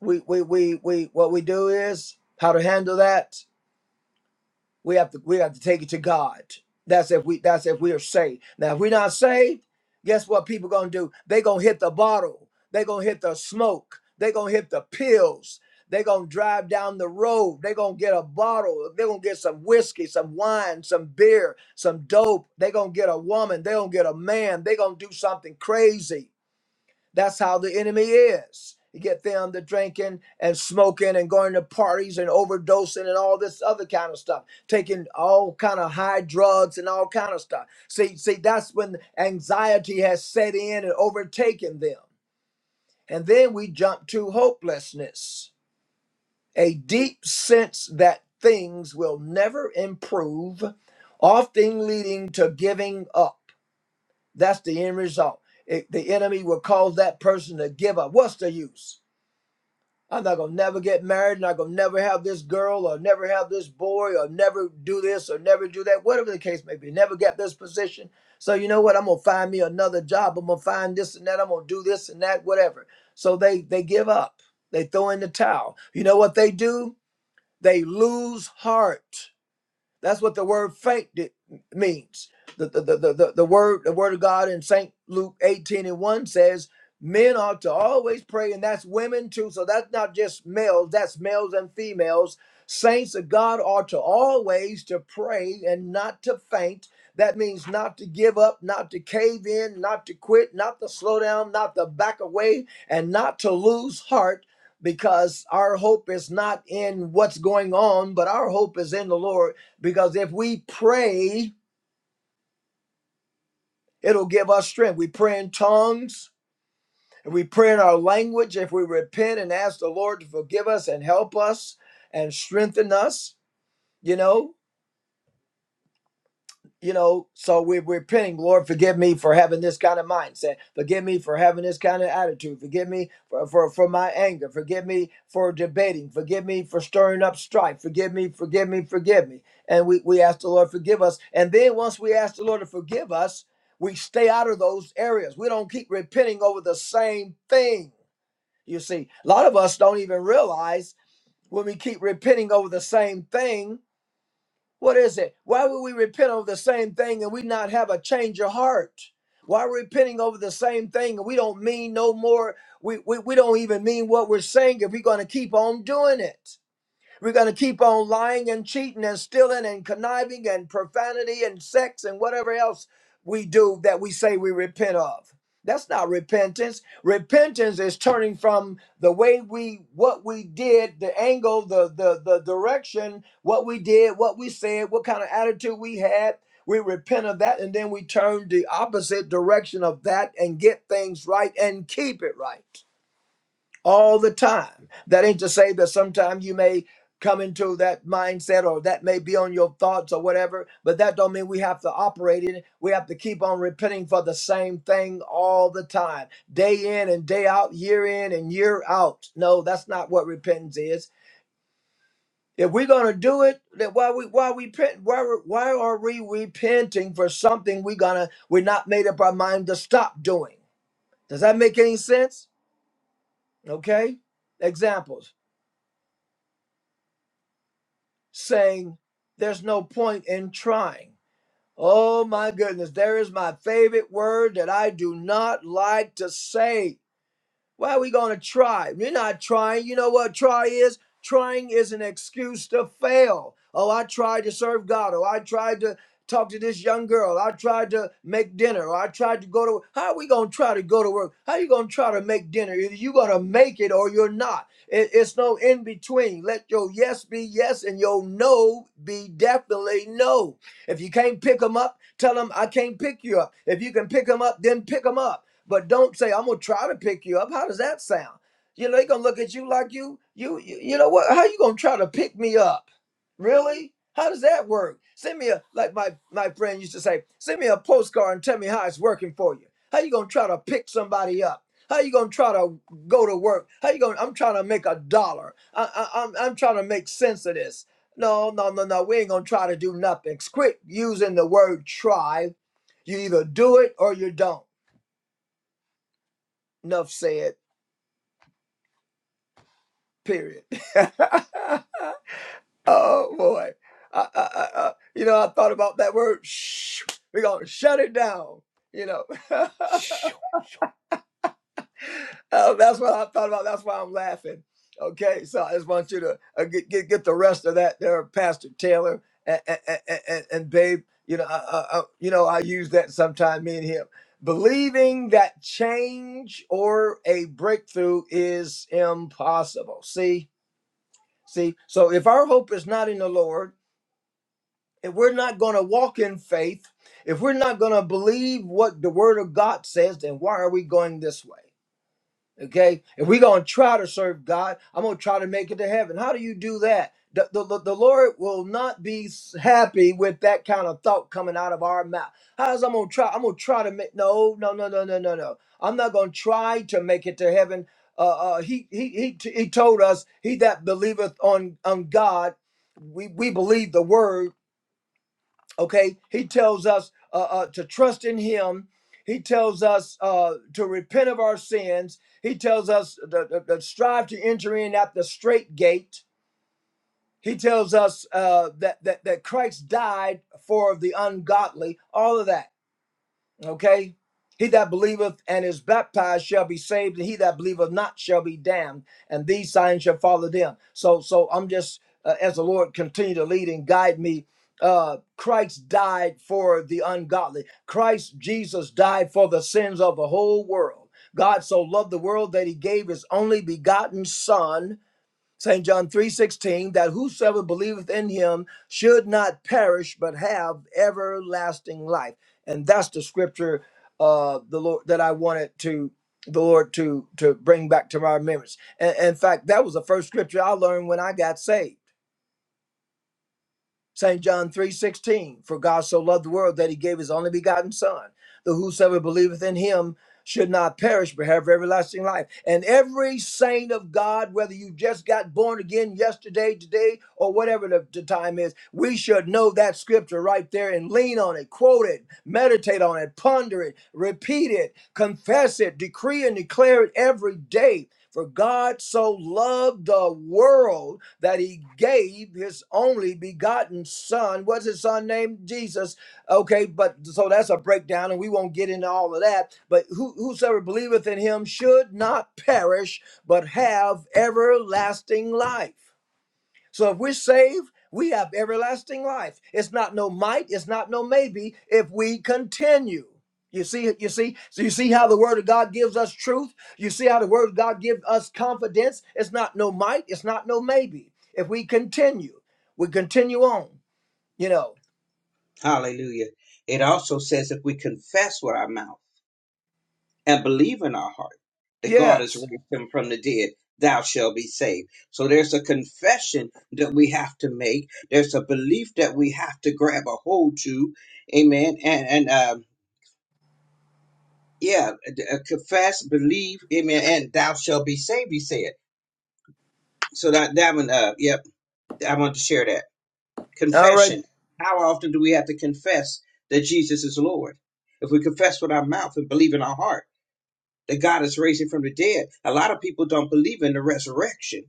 S1: we we we, we what we do is how to handle that We have to we have to take it to God. That's if we that's if we are saved. Now if we're not saved, guess what people gonna do? They gonna hit the bottle. They gonna hit the smoke. They gonna hit the pills. They gonna drive down the road. They gonna get a bottle. They gonna get some whiskey, some wine, some beer, some dope. They gonna get a woman. They gonna get a man. They gonna do something crazy that's how the enemy is. You get them to drinking and smoking and going to parties and overdosing and all this other kind of stuff, taking all kind of high drugs and all kind of stuff. See, see, that's when anxiety has set in and overtaken them. And then we jump to hopelessness, a deep sense that things will never improve, often leading to giving up. That's the end result. It- the enemy will cause that person to give up. What's the use? I'm not gonna never get married, and I'm gonna never have this girl, or never have this boy, or never do this, or never do that, whatever the case may be. Never get this position. So you know what? I'm gonna find me another job. I'm gonna find this and that. I'm gonna do this and that, whatever. So they they give up. They throw in the towel. You know what they do? They lose heart. That's what the word faint means. the, the, the, the the word the word of God in St. Luke 18 and 1 says, men ought to always pray, and that's women too. So that's not just males, that's males and females. Saints of God ought to always to pray and not to faint. That means not to give up, not to cave in, not to quit, not to slow down, not to back away, and not to lose heart because our hope is not in what's going on, but our hope is in the Lord because if we pray, it'll give us strength. We pray in tongues, if we pray in our language, if we repent and ask the Lord to forgive us and help us and strengthen us, you know. you know, so we're repenting, Lord, forgive me for having this kind of mindset. Forgive me for having this kind of attitude. Forgive me for, for, for my anger. Forgive me for debating. Forgive me for stirring up strife. Forgive me, forgive me, forgive me. And we, we ask the Lord, forgive us. And then once we ask the Lord to forgive us, we stay out of those areas. We don't keep repenting over the same thing. You see, a lot of us don't even realize when we keep repenting over the same thing what is it? Why would we repent over the same thing and we not have a change of heart? Why are we repenting over the same thing and we don't mean no more? We, we, we don't even mean what we're saying if we're going to keep on doing it. We're going to keep on lying and cheating and stealing and conniving and profanity and sex and whatever else we do that we say we repent of. That's not repentance. Repentance is turning from the way we what we did, the angle, the the the direction, what we did, what we said, what kind of attitude we had. We repent of that and then we turn the opposite direction of that and get things right and keep it right all the time. That ain't to say that sometimes you may come into that mindset or that may be on your thoughts or whatever, but that don't mean we have to operate in it. We have to keep on repenting for the same thing all the time, day in and day out, year in and year out. No, that's not what repentance is. If we're gonna do it, then why we why we repent? Why we- why are we repenting for something we gonna we're not made up our mind to stop doing? Does that make any sense? Okay, examples. saying there's no point in trying. Oh my goodness, there is my favorite word that I do not like to say. Why are we going to try? You're not trying. You know what try is? Trying is an excuse to fail. Oh, I tried to serve God. Oh, I tried to talk to this young girl. I tried to make dinner. Or I tried to go to work. How are we going to try to go to work? How are you going to try to make dinner? Either you going to make it or you're not. It- it's no in between. Let your yes be yes and your no be definitely no. If you can't pick them up, tell them I can't pick you up. If you can pick them up, then pick them up but don't say I'm gonna try to pick you up. How does that sound? You know, they gonna look at you like you, you, you, you know what? How you gonna try to pick me up? Really? How does that work? Send me a like my my friend used to say, send me a postcard and tell me how it's working for you. How you gonna try to pick somebody up? How you gonna try to go to work? How you gonna? I'm trying to make a dollar. I, I, I'm I'm trying to make sense of this. No, no, no, no. We ain't gonna try to do nothing. Quit using the word try. You either do it or you don't. Enough said. Period. oh boy. I, I, I, I- you know, I thought about that word. Shh. We're gonna shut it down. You know,
S3: you.
S1: Uh, that's what I thought about. That's why I'm laughing. Okay, so I just want you to uh, get, get get the rest of that there, Pastor Taylor and and, and, and Babe. You know, I, I, I, you know, I use that sometimes. Me and him believing that change or a breakthrough is impossible. See, See, so if our hope is not in the Lord, if we're not going to walk in faith, if we're not going to believe what the Word of God says, then why are we going this way? Okay, if we're gonna try to serve God, I'm gonna try to make it to heaven. How do you do that? The, the, the Lord will not be happy with that kind of thought coming out of our mouth. How's I'm gonna try? I'm gonna try to make no, no, no, no, no, no, no. I'm not gonna try to make it to heaven. Uh, uh, he, he he t- he told us, "He that believeth on on God, we we believe the word." okay he tells us uh, uh, to trust in him he tells us uh, to repent of our sins he tells us to, to- to strive to enter in at the straight gate he tells us uh, that, that that christ died for the ungodly all of that Okay. He that believeth and is baptized shall be saved, and he that believeth not shall be damned. And these signs shall follow them. So, so I'm just uh, as the Lord continue to lead and guide me. Uh, Christ died for the ungodly. Christ Jesus died for the sins of the whole world. God so loved the world that He gave His only begotten Son St. John 3:16 that whosoever believeth in him should not perish but have everlasting life. And that's the scripture uh the Lord that I wanted to the Lord to to bring back to my remembrance. And in fact, that was the first scripture I learned when I got saved. St. John 3:16, for God so loved the world that he gave his only begotten son, that whosoever believeth in him should not perish but have everlasting life. And every saint of God, whether you just got born again yesterday, today, or whatever the, the time is, we should know that scripture right there and lean on it, quote it, meditate on it, ponder it, repeat it, confess it, decree and declare it every day. For God so loved the world that he gave his only begotten son. What's his son named? Jesus. Okay, but so that's a breakdown, and we won't get into all of that. But who, whosoever believeth in him should not perish, but have everlasting life. So if we're saved, we have everlasting life. It's not no might, it's not no maybe if we continue. You see, you see, so you see how the word of God gives us truth. You see how the word of God gives us confidence. It's not no might, it's not no maybe. If we continue, we continue on, you know.
S2: Hallelujah. It also says if we confess with our mouth and believe in our heart that God has
S1: Yes.
S2: raised him from the dead, thou shalt be saved. So there's a confession that we have to make. There's a belief that we have to grab a hold to. Amen. And, and, um, yeah, d- uh, confess, believe, amen, and thou shalt be saved, he said. So that, that one, uh, yep, I want to share that.
S1: All right.
S2: Confession. How often do we have to confess that Jesus is Lord? If we confess with our mouth and believe in our heart that God is raising from the dead, a lot of people don't believe in the resurrection.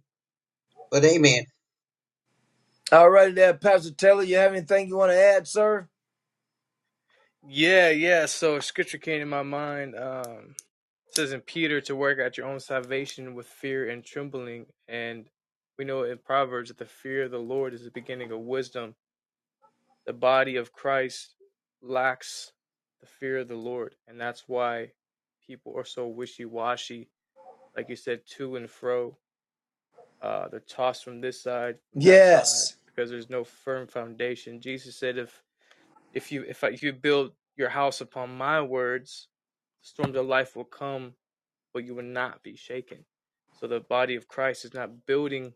S2: But amen.
S1: All right there, Pastor Taylor. You have anything you want to add, sir?
S3: Yeah, yeah. So scripture came to my mind. Um it says in Peter to work at your own salvation with fear and trembling. And we know in Proverbs that the fear of the Lord is the beginning of wisdom. The body of Christ lacks the fear of the Lord. And that's why people are so wishy washy, like you said, to and fro uh, they're tossed from this side, from that side,
S1: Yes.
S3: because there's no firm foundation. Jesus said, "If if you if, I, if you build your house upon my words, the storms of life will come, but you will not be shaken." So the body of Christ is not building;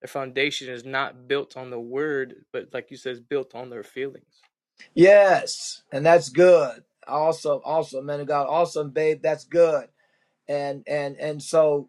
S3: their foundation is not built on the word, but like you said, is built on their feelings.
S1: Yes. And that's good. Awesome. Awesome, man of God. Awesome, babe. That's good. and and and so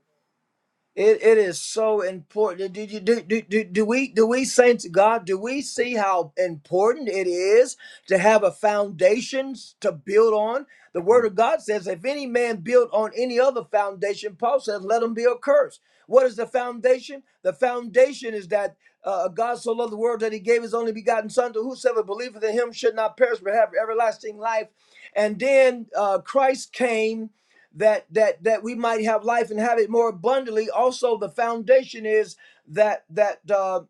S1: it, it is so important. Did you do, do do do we do we saints of God? Do we see how important it is to have a foundation to build on? The Word of God says, "If any man build on any other foundation," Paul says, "Let him be accursed." What is the foundation? The foundation is that uh, God so loved the world that He gave His only begotten Son, to whosoever believeth in Him should not perish but have everlasting life. And then uh, Christ came that that that we might have life and have it more abundantly also the foundation is that that uh,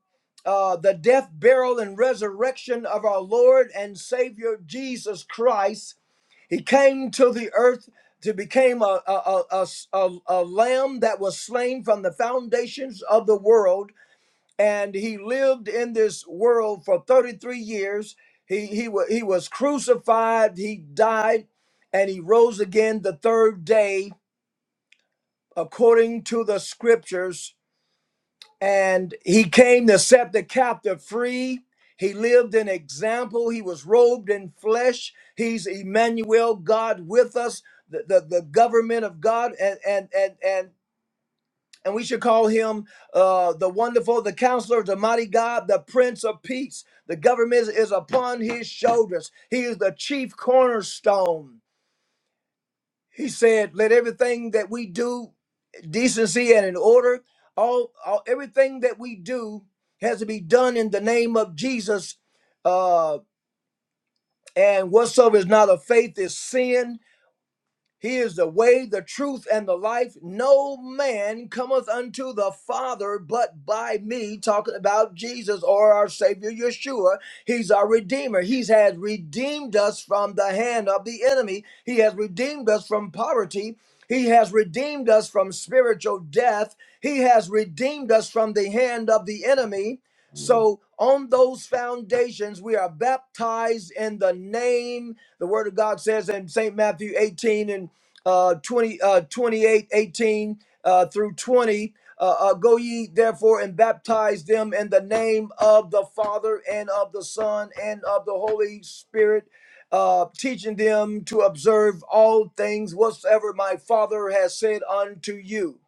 S1: uh, the death burial and resurrection of our lord and savior jesus christ he came to the earth to become a, a, a, a, a a lamb that was slain from the foundations of the world and he lived in this world for 33 years he, he, wa- he was crucified he died and he rose again the third day according to the scriptures, and he came to set the captive free. He lived an example. He was robed in flesh. He's Emmanuel, God with us, the, the, the government of God, and and and and and we should call him uh, the wonderful, the counselor, the mighty God, the Prince of Peace. The government is upon his shoulders. He is the chief cornerstone. He said, Let everything that we do decency and in order. All, all everything that we do has to be done in the name of Jesus. Uh, and whatsoever is not of faith is sin he is the way, the truth, and the life. No man cometh unto the Father but by me. Talking about Jesus or our Savior Yeshua. He's our Redeemer. He has redeemed us from the hand of the enemy. He has redeemed us from poverty. He has redeemed us from spiritual death. He has redeemed us from the hand of the enemy. So, on those foundations, we are baptized in the name the word of God says in St. Matthew 18 and uh, 20, uh, 28, eighteen uh, through 20. Uh, uh, go ye therefore and baptize them in the name of the Father and of the Son and of the Holy Spirit, uh, teaching them to observe all things whatsoever my Father has said unto you.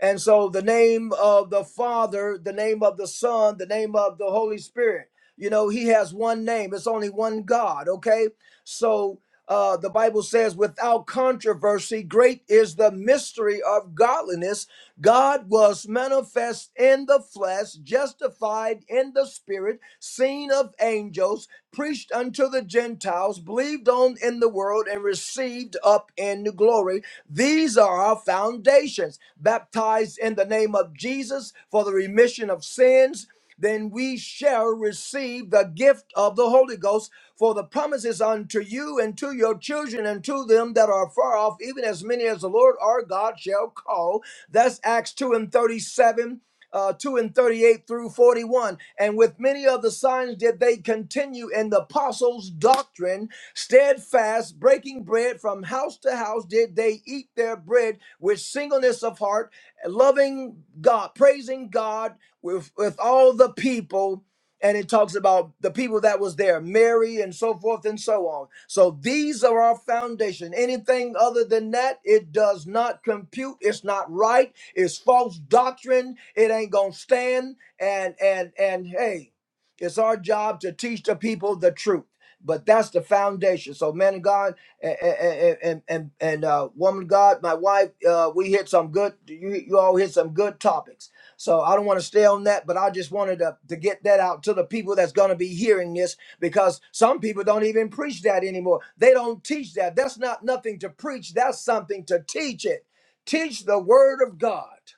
S1: And so the name of the Father, the name of the Son, the name of the Holy Spirit, you know, he has one name. It's only one God, okay? So uh, the Bible says, without controversy, great is the mystery of godliness God was manifest in the flesh, justified in the spirit, seen of angels, preached unto the Gentiles, believed on in the world, and received up in the glory. These are our foundations. Baptized in the name of Jesus for the remission of sins then we shall receive the gift of the Holy Ghost. For the promises unto you and to your children and to them that are far off, even as many as the Lord our God shall call. That's Acts 2 and 37. Uh, 2 and 38 through 41. And with many other signs did they continue in the apostles' doctrine, steadfast, breaking bread from house to house, did they eat their bread with singleness of heart, loving God, praising God with with all the people and it talks about the people that was there mary and so forth and so on so these are our foundation anything other than that it does not compute it's not right it's false doctrine it ain't gonna stand and and and hey it's our job to teach the people the truth but that's the foundation so man of god and and and, and and, uh woman of god my wife uh we hit some good you you all hit some good topics so I don't want to stay on that, but I just wanted to, to get that out to the people that's going to be hearing this because some people don't even preach that anymore. They don't teach that. That's not nothing to preach, that's something to teach it. Teach the word of God.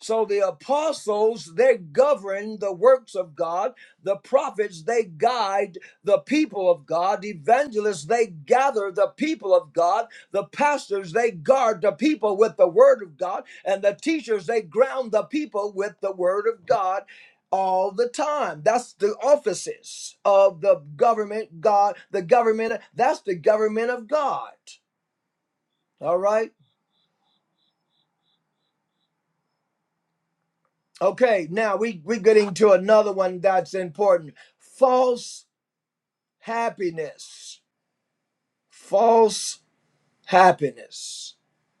S1: So the apostles, they govern the works of God. The prophets, they guide the people of God. Evangelists, they gather the people of God. The pastors, they guard the people with the word of God. And the teachers, they ground the people with the word of God all the time. That's the offices of the government, God, the government, that's the government of God. All right. Okay, now we, we're getting to another one that's important. False happiness. False happiness.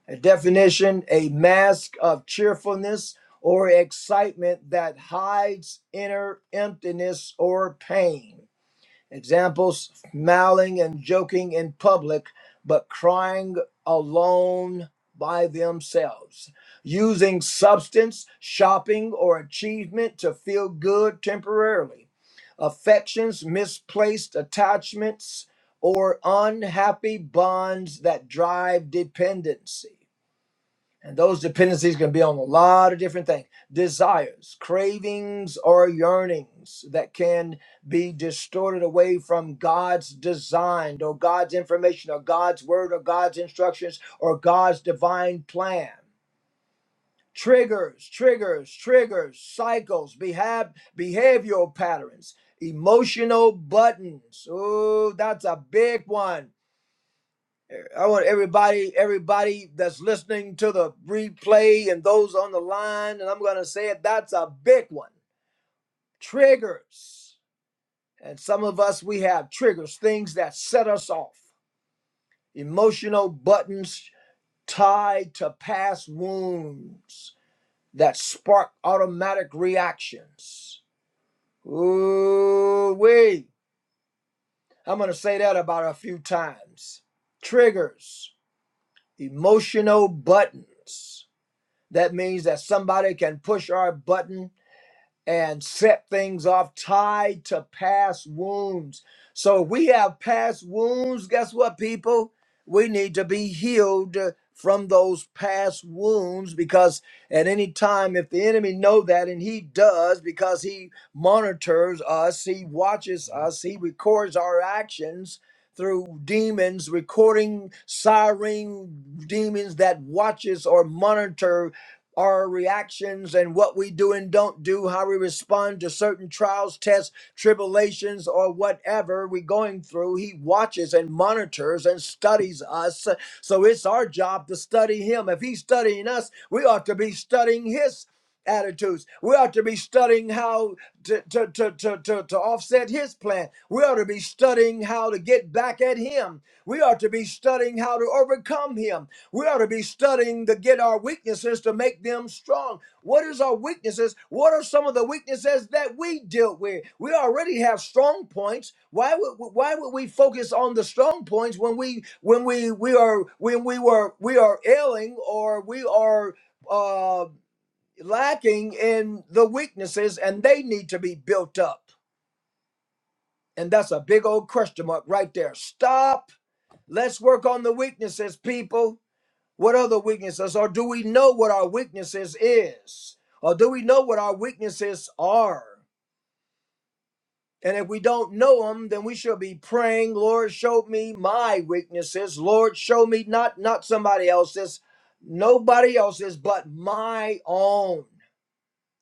S1: A definition a mask of cheerfulness or excitement that hides inner emptiness or pain. Examples smiling and joking in public, but crying alone by themselves. Using substance, shopping, or achievement to feel good temporarily. Affections, misplaced attachments, or unhappy bonds that drive dependency. And those dependencies can be on a lot of different things desires, cravings, or yearnings that can be distorted away from God's design or God's information or God's word or God's instructions or God's divine plan. Triggers, triggers, triggers, cycles, behab- behavioral patterns, emotional buttons. Oh, that's a big one I want everybody, everybody that's listening to the replay and those on the line, and I'm going to say it, that's a big one. Triggers. And some of us, we have triggers, things that set us off, emotional buttons tied to past wounds that spark automatic reactions. Ooh, wait. I'm going to say that about a few times. Triggers, emotional buttons That means that somebody can push our button and set things off tied to past wounds. So if we have past wounds. Guess what, people? We need to be healed from those past wounds because at any time if the enemy know that and he does because he monitors us he watches us he records our actions through demons recording siren demons that watches or monitor our reactions and what we do and don't do, how we respond to certain trials, tests, tribulations, or whatever we're going through. He watches and monitors and studies us. So it's our job to study Him. If He's studying us, we ought to be studying His attitudes. We ought to be studying how to, to, to, to, to, to offset His plan. We ought to be studying how to get back at Him. We ought to be studying how to overcome Him. We ought to be studying to get our weaknesses to make them strong. What is our weaknesses? What are some of the weaknesses that we dealt with? We already have strong points. Why would why would we focus on the strong points when we when we we are when we were we are ailing or we are uh, lacking in the weaknesses and they need to be built up. And that's a big old question mark right there. Stop. Let's work on the weaknesses, people. What other weaknesses? Or do we know what our weaknesses is? Or do we know what our weaknesses are? And if we don't know them, then we should be praying, Lord, show me my weaknesses. Lord, show me not not somebody else's, nobody else's, but my own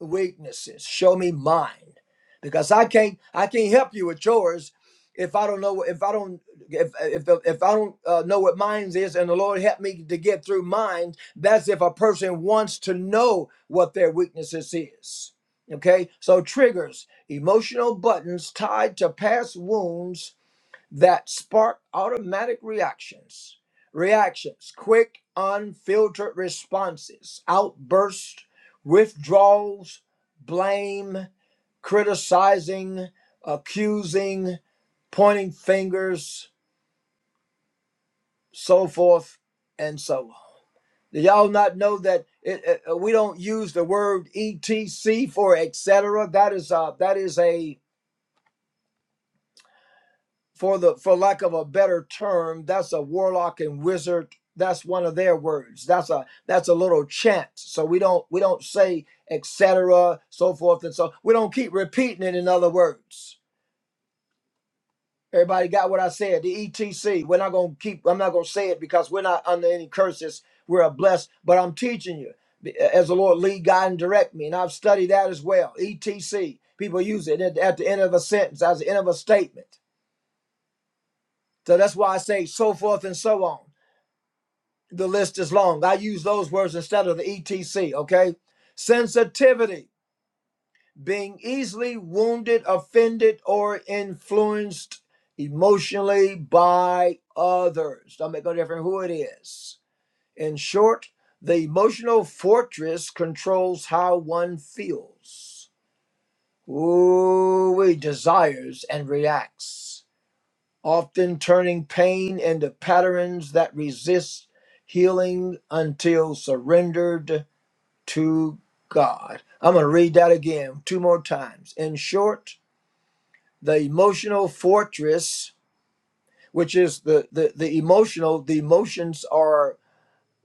S1: weaknesses. Show me mine, because I can't I can't help you with yours if I don't know if I don't if if if I don't uh, know what mine is, and the Lord help me to get through mine. That's if a person wants to know what their weaknesses is. Okay, so triggers, emotional buttons tied to past wounds that spark automatic reactions. Reactions, quick, unfiltered responses, outbursts, withdrawals, blame, criticizing, accusing, pointing fingers, so forth and so on. Do y'all not know that it, it- we don't use the word etc for etc? That is a that is a for the for lack of a better term that's a warlock and wizard that's one of their words that's a that's a little chant so we don't we don't say etc so forth and so we don't keep repeating it in other words everybody got what i said the etc we're not going to keep i'm not going to say it because we're not under any curses we're a blessed but i'm teaching you as the lord lead guide and direct me and i've studied that as well etc people use it at, at the end of a sentence as the end of a statement so that's why i say so forth and so on the list is long. I use those words instead of the ETC, okay? Sensitivity, being easily wounded, offended, or influenced emotionally by others. Don't make no difference who it is. In short, the emotional fortress controls how one feels, ooh, desires, and reacts often turning pain into patterns that resist healing until surrendered to God. I'm going to read that again two more times. In short, the emotional fortress, which is the the, the emotional, the emotions are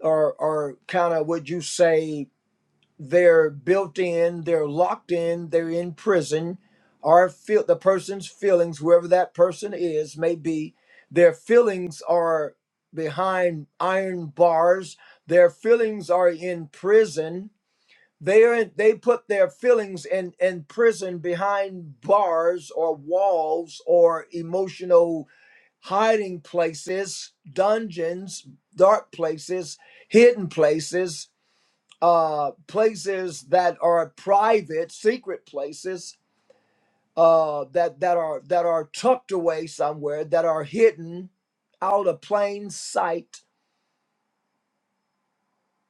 S1: are are kind of would you say they're built in, they're locked in, they're in prison, or feel the person's feelings, whoever that person is, may be, their feelings are behind iron bars, their feelings are in prison. They are they put their feelings in, in prison behind bars or walls or emotional hiding places, dungeons, dark places, hidden places uh, places that are private, secret places uh, that that are that are tucked away somewhere, that are hidden out of plain sight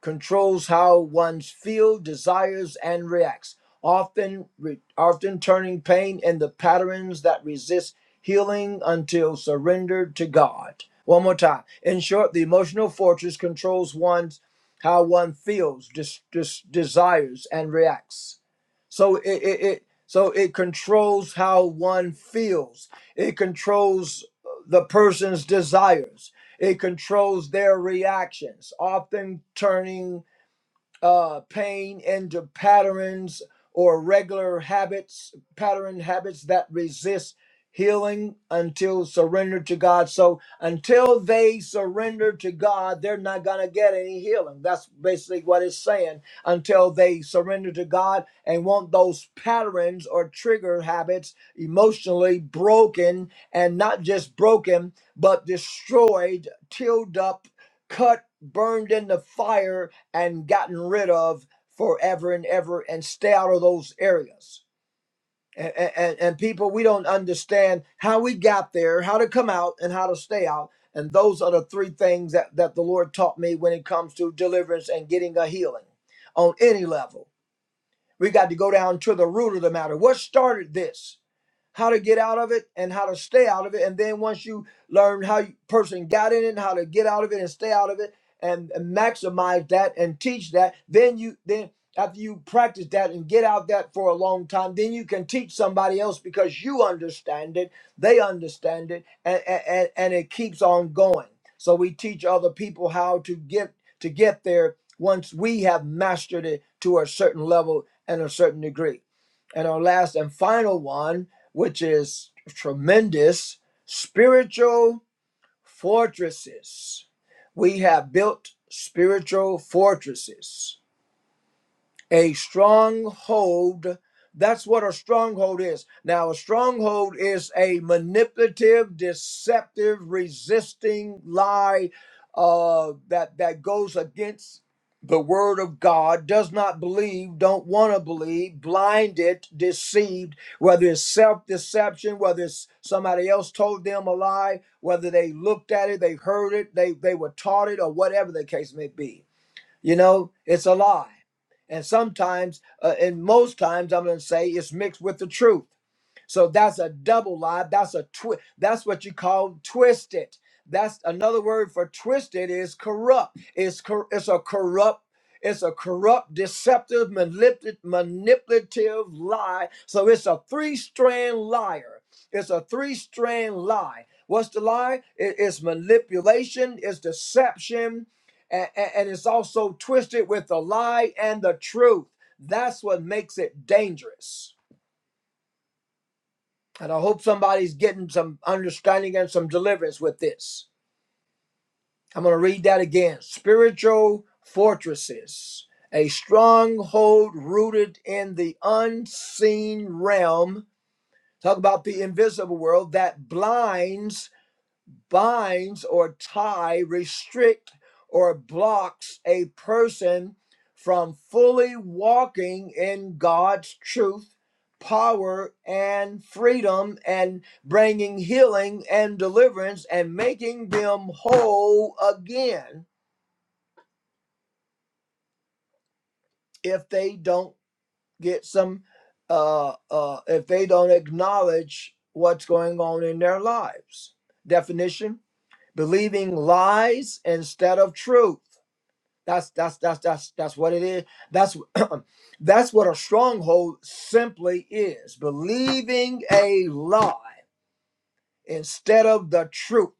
S1: controls how one feels, desires, and reacts, often re- often turning pain into patterns that resist healing until surrendered to God. One more time. In short, the emotional fortress controls one's how one feels, des- des- desires, and reacts. So it, it, it so it controls how one feels. It controls the person's desires it controls their reactions, often turning uh, pain into patterns or regular habits, pattern habits that resist healing until surrendered to God. So until they surrender to God, they're not going to get any healing. That's basically what it's saying. Until they surrender to God and want those patterns or trigger habits emotionally broken and not just broken, but destroyed, tilled up, cut, burned in the fire and gotten rid of forever and ever and stay out of those areas. And, and, and people, we don't understand how we got there, how to come out, and how to stay out. And those are the three things that, that the Lord taught me when it comes to deliverance and getting a healing on any level. We got to go down to the root of the matter. What started this? how to get out of it and how to stay out of it. And then once you learn how you person got in it, how to get out of it and stay out of it and, and maximize that and teach that, then you then after you practice that and get out that for a long time, then you can teach somebody else because you understand it, they understand it, and, and, and it keeps on going. So we teach other people how to get to get there once we have mastered it to a certain level and a certain degree. And our last and final one which is tremendous spiritual fortresses. We have built spiritual fortresses a stronghold. That's what a stronghold is. Now, a stronghold is a manipulative, deceptive, resisting lie uh, that that goes against the word of God. Does not believe, don't want to believe, blinded, deceived. Whether it's self-deception, whether it's somebody else told them a lie, whether they looked at it, they heard it, they they were taught it, or whatever the case may be you know, it's a lie. And sometimes, uh, and most times, I'm going to say it's mixed with the truth. So that's a double lie. That's a twist. That's what you call twisted. That's another word for twisted is corrupt. It's cor- it's a corrupt. It's a corrupt, deceptive, manipulative, manipulative lie. So it's a three-strand liar. It's a three-strand lie. What's the lie? It- it's manipulation. It's deception, a- a- and it's also twisted with the lie and the truth. That's what makes it dangerous. And I hope somebody's getting some understanding and some deliverance with this. I'm going to read that again. Spiritual fortresses, a stronghold rooted in the unseen realm. Talk about the invisible world that blinds binds or tie, restrict or blocks a person from fully walking in God's truth, power, and freedom, and bringing healing and deliverance and making them whole again if they don't get some, uh, uh, if they don't acknowledge what's going on in their lives. Definition believing lies instead of truth That's that's that's that's that's what it is. That's that's what a stronghold simply is. Believing a lie instead of the truth.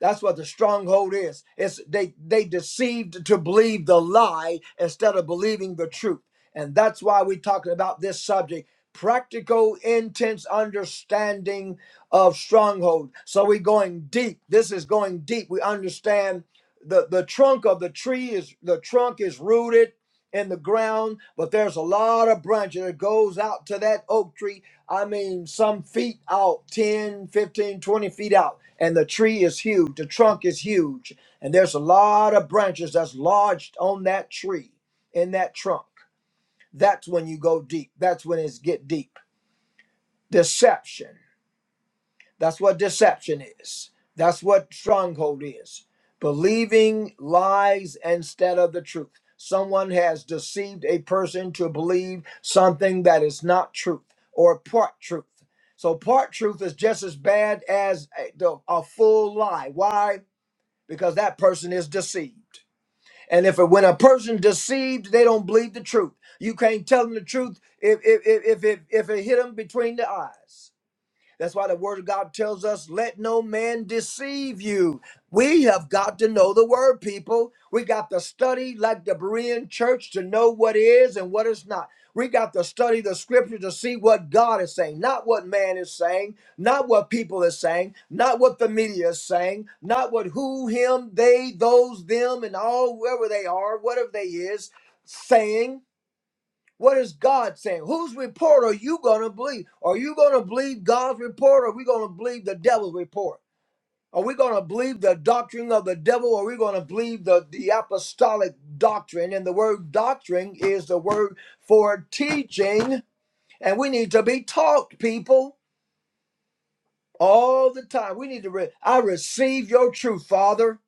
S1: That's what the stronghold is. It's they they deceived to believe the lie instead of believing the truth. And that's why we're talking about this subject. Practical, intense understanding of stronghold. So we're going deep. This is going deep. We understand the, the trunk of the tree is the trunk is rooted in the ground, but there's a lot of branches that goes out to that oak tree I mean, some feet out, 10, 15, 20 feet out. And the tree is huge. The trunk is huge. And there's a lot of branches that's lodged on that tree, in that trunk. That's when you go deep. That's when it's get deep. Deception. That's what deception is. That's what stronghold is. Believing lies instead of the truth. Someone has deceived a person to believe something that is not truth or part truth. So, part truth is just as bad as a, the- a full lie. Why? Because that person is deceived. And if when a person deceived, they don't believe the truth. You can't tell them the truth if if if if it, if it hit them between the eyes. That's why the word of God tells us, let no man deceive you. We have got to know the word, people. We got to study like the Berean church to know what is and what is not. We got to study the scripture to see what God is saying, not what man is saying, not what people is saying, not what the media is saying, not what who, him, they, those, them, and all, whoever they are, whatever they is saying what is God saying? Whose report are you going to believe? Are you going to believe God's report or are we going to believe the devil's report? Are we going to believe the doctrine of the devil or are we going to believe the, the apostolic doctrine? And the word doctrine is the word for teaching. And we need to be taught, people, all the time. We need to, re- I receive your truth, Father.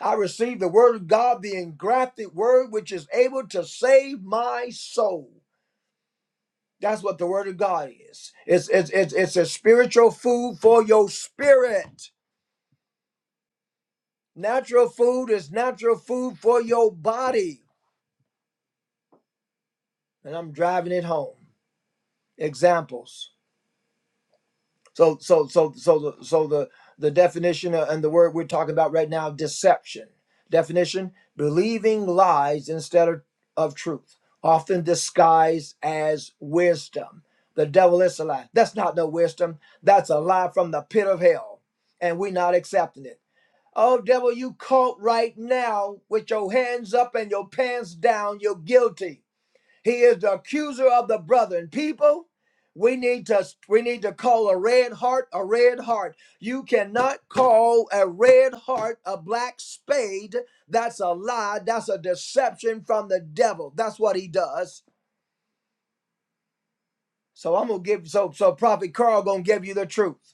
S1: I receive the word of God, the engrafted word, which is able to save my soul. That's what the word of God is. It's, it's, it's, it's a spiritual food for your spirit. Natural food is natural food for your body. And I'm driving it home. Examples. So so so so the so the the definition uh, and the word we're talking about right now deception. Definition believing lies instead of, of truth, often disguised as wisdom. The devil is a lie. That's not no wisdom. That's a lie from the pit of hell. And we're not accepting it. Oh devil, you caught right now with your hands up and your pants down, you're guilty. He is the accuser of the brethren. People, we need to we need to call a red heart a red heart. You cannot call a red heart a black spade. That's a lie. That's a deception from the devil. That's what he does. So I'm gonna give so so Prophet Carl gonna give you the truth.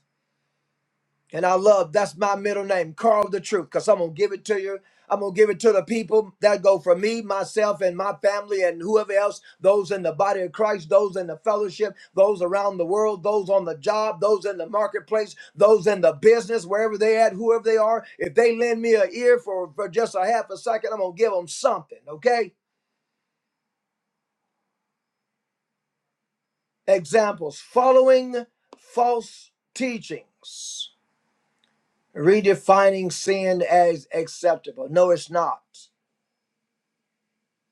S1: And I love that's my middle name, Carl the Truth, because I'm gonna give it to you. I'm gonna give it to the people that go for me, myself, and my family, and whoever else, those in the body of Christ, those in the fellowship, those around the world, those on the job, those in the marketplace, those in the business, wherever they at, whoever they are. If they lend me an ear for, for just a half a second, I'm gonna give them something, okay? Examples following false teachings, redefining sin as acceptable. No, it's not.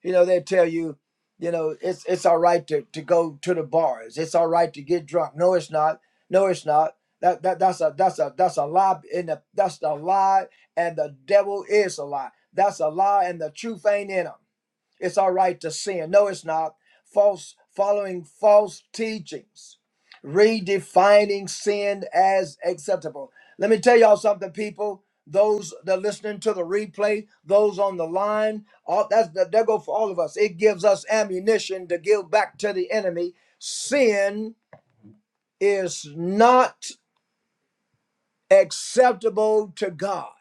S1: You know, they tell you, you know, it's it's all right to, to go to the bars. It's all right to get drunk. No, it's not. No, it's not. That, that that's a that's a that's a lie in the that's a lie and the devil is a lie. That's a lie and the truth ain't in them. It's all right to sin. No, it's not. False following false teachings, redefining sin as acceptable. Let me tell y'all something, people. Those that are listening to the replay, those on the line, all that's that, that for all of us. It gives us ammunition to give back to the enemy. Sin is not acceptable to God.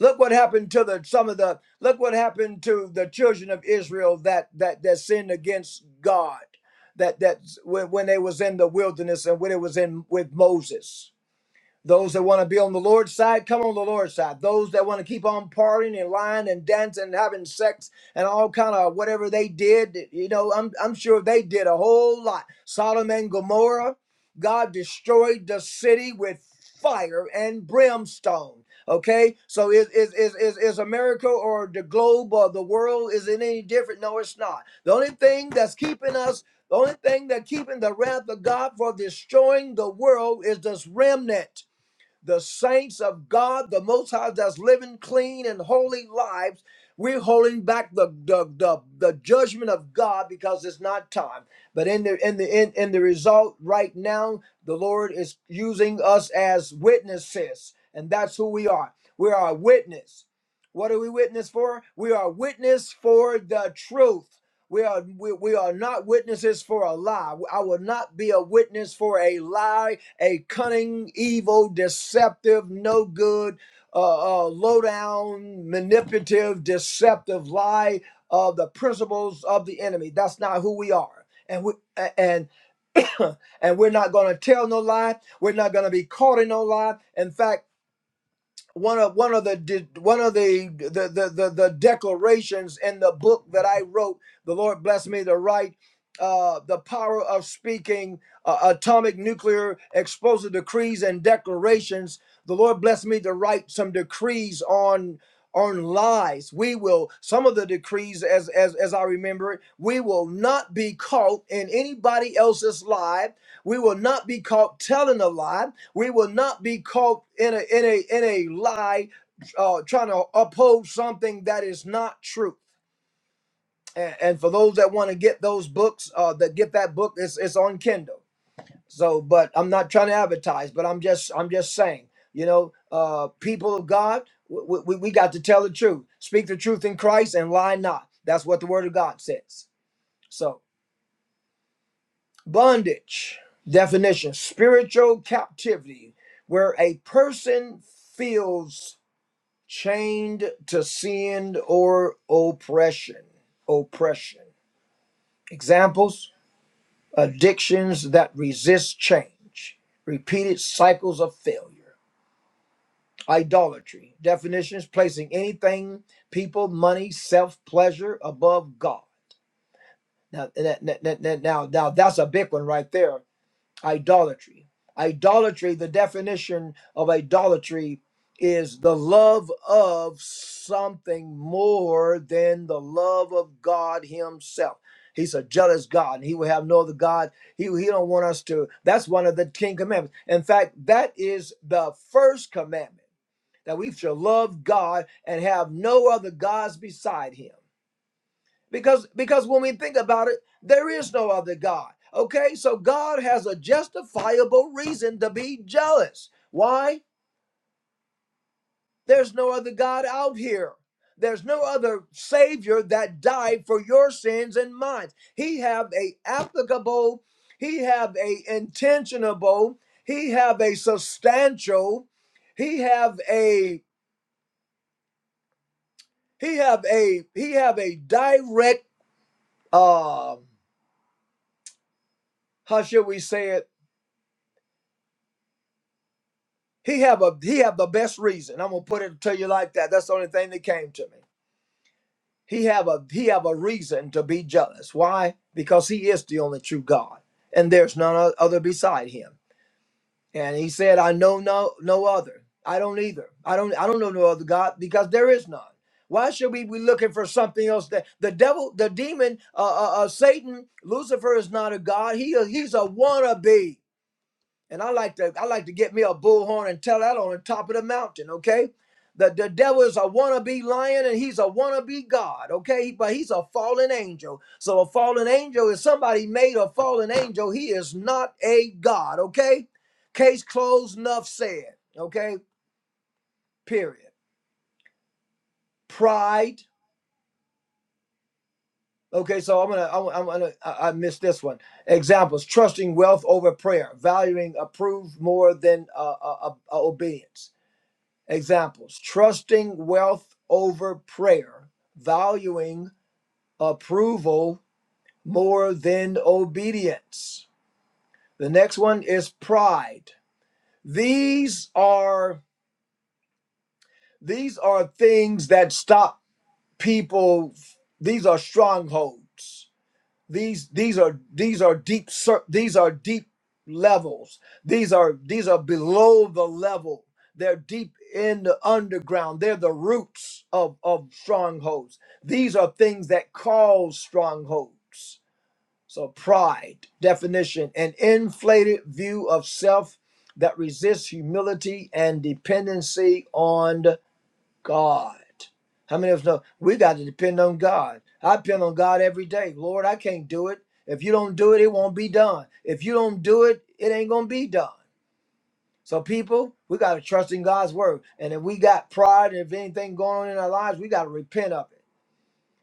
S1: Look what happened to the some of the look what happened to the children of Israel that that that sinned against God. That that when, when they was in the wilderness and when it was in with Moses. Those that want to be on the Lord's side, come on the Lord's side. Those that want to keep on partying and lying and dancing and having sex and all kind of whatever they did, you know, I'm, I'm sure they did a whole lot. Sodom and Gomorrah, God destroyed the city with fire and brimstone. Okay, so is is is is, is America or the globe or the world is it any different? No, it's not. The only thing that's keeping us the only thing that keeping the wrath of God for destroying the world is this remnant the saints of God, the Most High, that's living clean and holy lives. We're holding back the the, the the judgment of God because it's not time. But in the in the in, in the result right now, the Lord is using us as witnesses, and that's who we are. We are a witness. What are we witness for? We are witness for the truth. We are we, we are not witnesses for a lie. I will not be a witness for a lie a cunning, evil, deceptive, no good, uh, uh, low down, manipulative, deceptive lie of the principles of the enemy. That's not who we are. And we, a- and and we're not going to tell no lie. We're not going to be caught in no lie. In fact, one of one of the de- one of the the, the the the declarations in the book that I wrote. The Lord blessed me to write. Uh, the power of speaking uh, atomic nuclear explosive decrees and declarations the lord blessed me to write some decrees on on lies we will some of the decrees as as, as i remember it we will not be caught in anybody else's lie we will not be caught telling a lie we will not be caught in a in a in a lie, uh, trying to oppose something that is not true. And, and for those that want to get those books, uh, that get that book, it's it's on Kindle. So, but I'm not trying to advertise, but I'm just I'm just saying, you know, uh, people of God, we, we, we got to tell the truth, speak the truth in Christ, and lie not. That's what the Word of God says. So, bondage definition: spiritual captivity, where a person feels chained to sin or oppression. Oppression. Examples addictions that resist change, repeated cycles of failure, idolatry. Definitions placing anything, people, money, self pleasure above God. Now, now, now, now, now, that's a big one right there idolatry. Idolatry, the definition of idolatry is the love of something more than the love of God Himself. He's a jealous God, and He will have no other God. He, he don't want us to. That's one of the Ten Commandments. In fact, that is the first commandment that we shall love God and have no other gods beside Him because because when we think about it there is no other god okay so god has a justifiable reason to be jealous why there's no other god out here there's no other savior that died for your sins and mine he have a applicable he have a intentionable he have a substantial he have a he have a he have a direct um how should we say it He have a he have the best reason. I'm gonna put it to you like that. That's the only thing that came to me. He have a he have a reason to be jealous. Why? Because he is the only true God, and there's none other beside him. And he said, "I know no no other. I don't either. I don't I don't know no other God because there is none. Why should we be looking for something else? That the devil, the demon, uh, uh, uh Satan, Lucifer is not a God. He he's a wannabe. And I like to I like to get me a bullhorn and tell that on the top of the mountain, okay? The, the devil is a wannabe lion and he's a wannabe God, okay? But he's a fallen angel. So a fallen angel is somebody made a fallen angel. He is not a God, okay? Case closed, enough said, okay? Period. Pride. Okay, so I'm gonna I'm, gonna I, I missed this one. Examples: trusting wealth over prayer, valuing approved more than uh, uh, uh, obedience Examples trusting wealth over prayer, valuing approval more than obedience. The next one is pride. These are these are things that stop people these are strongholds these these are these are deep cer- these are deep levels these are these are below the level they're deep in the underground they're the roots of of strongholds these are things that cause strongholds so pride definition an inflated view of self that resists humility and dependency on God. How many of us know we got to depend on God? I depend on God every day. Lord, I can't do it. If you don't do it, it won't be done. If you don't do it, it ain't gonna be done. So, people, we got to trust in God's word. And if we got pride, if anything going on in our lives, we got to repent of it.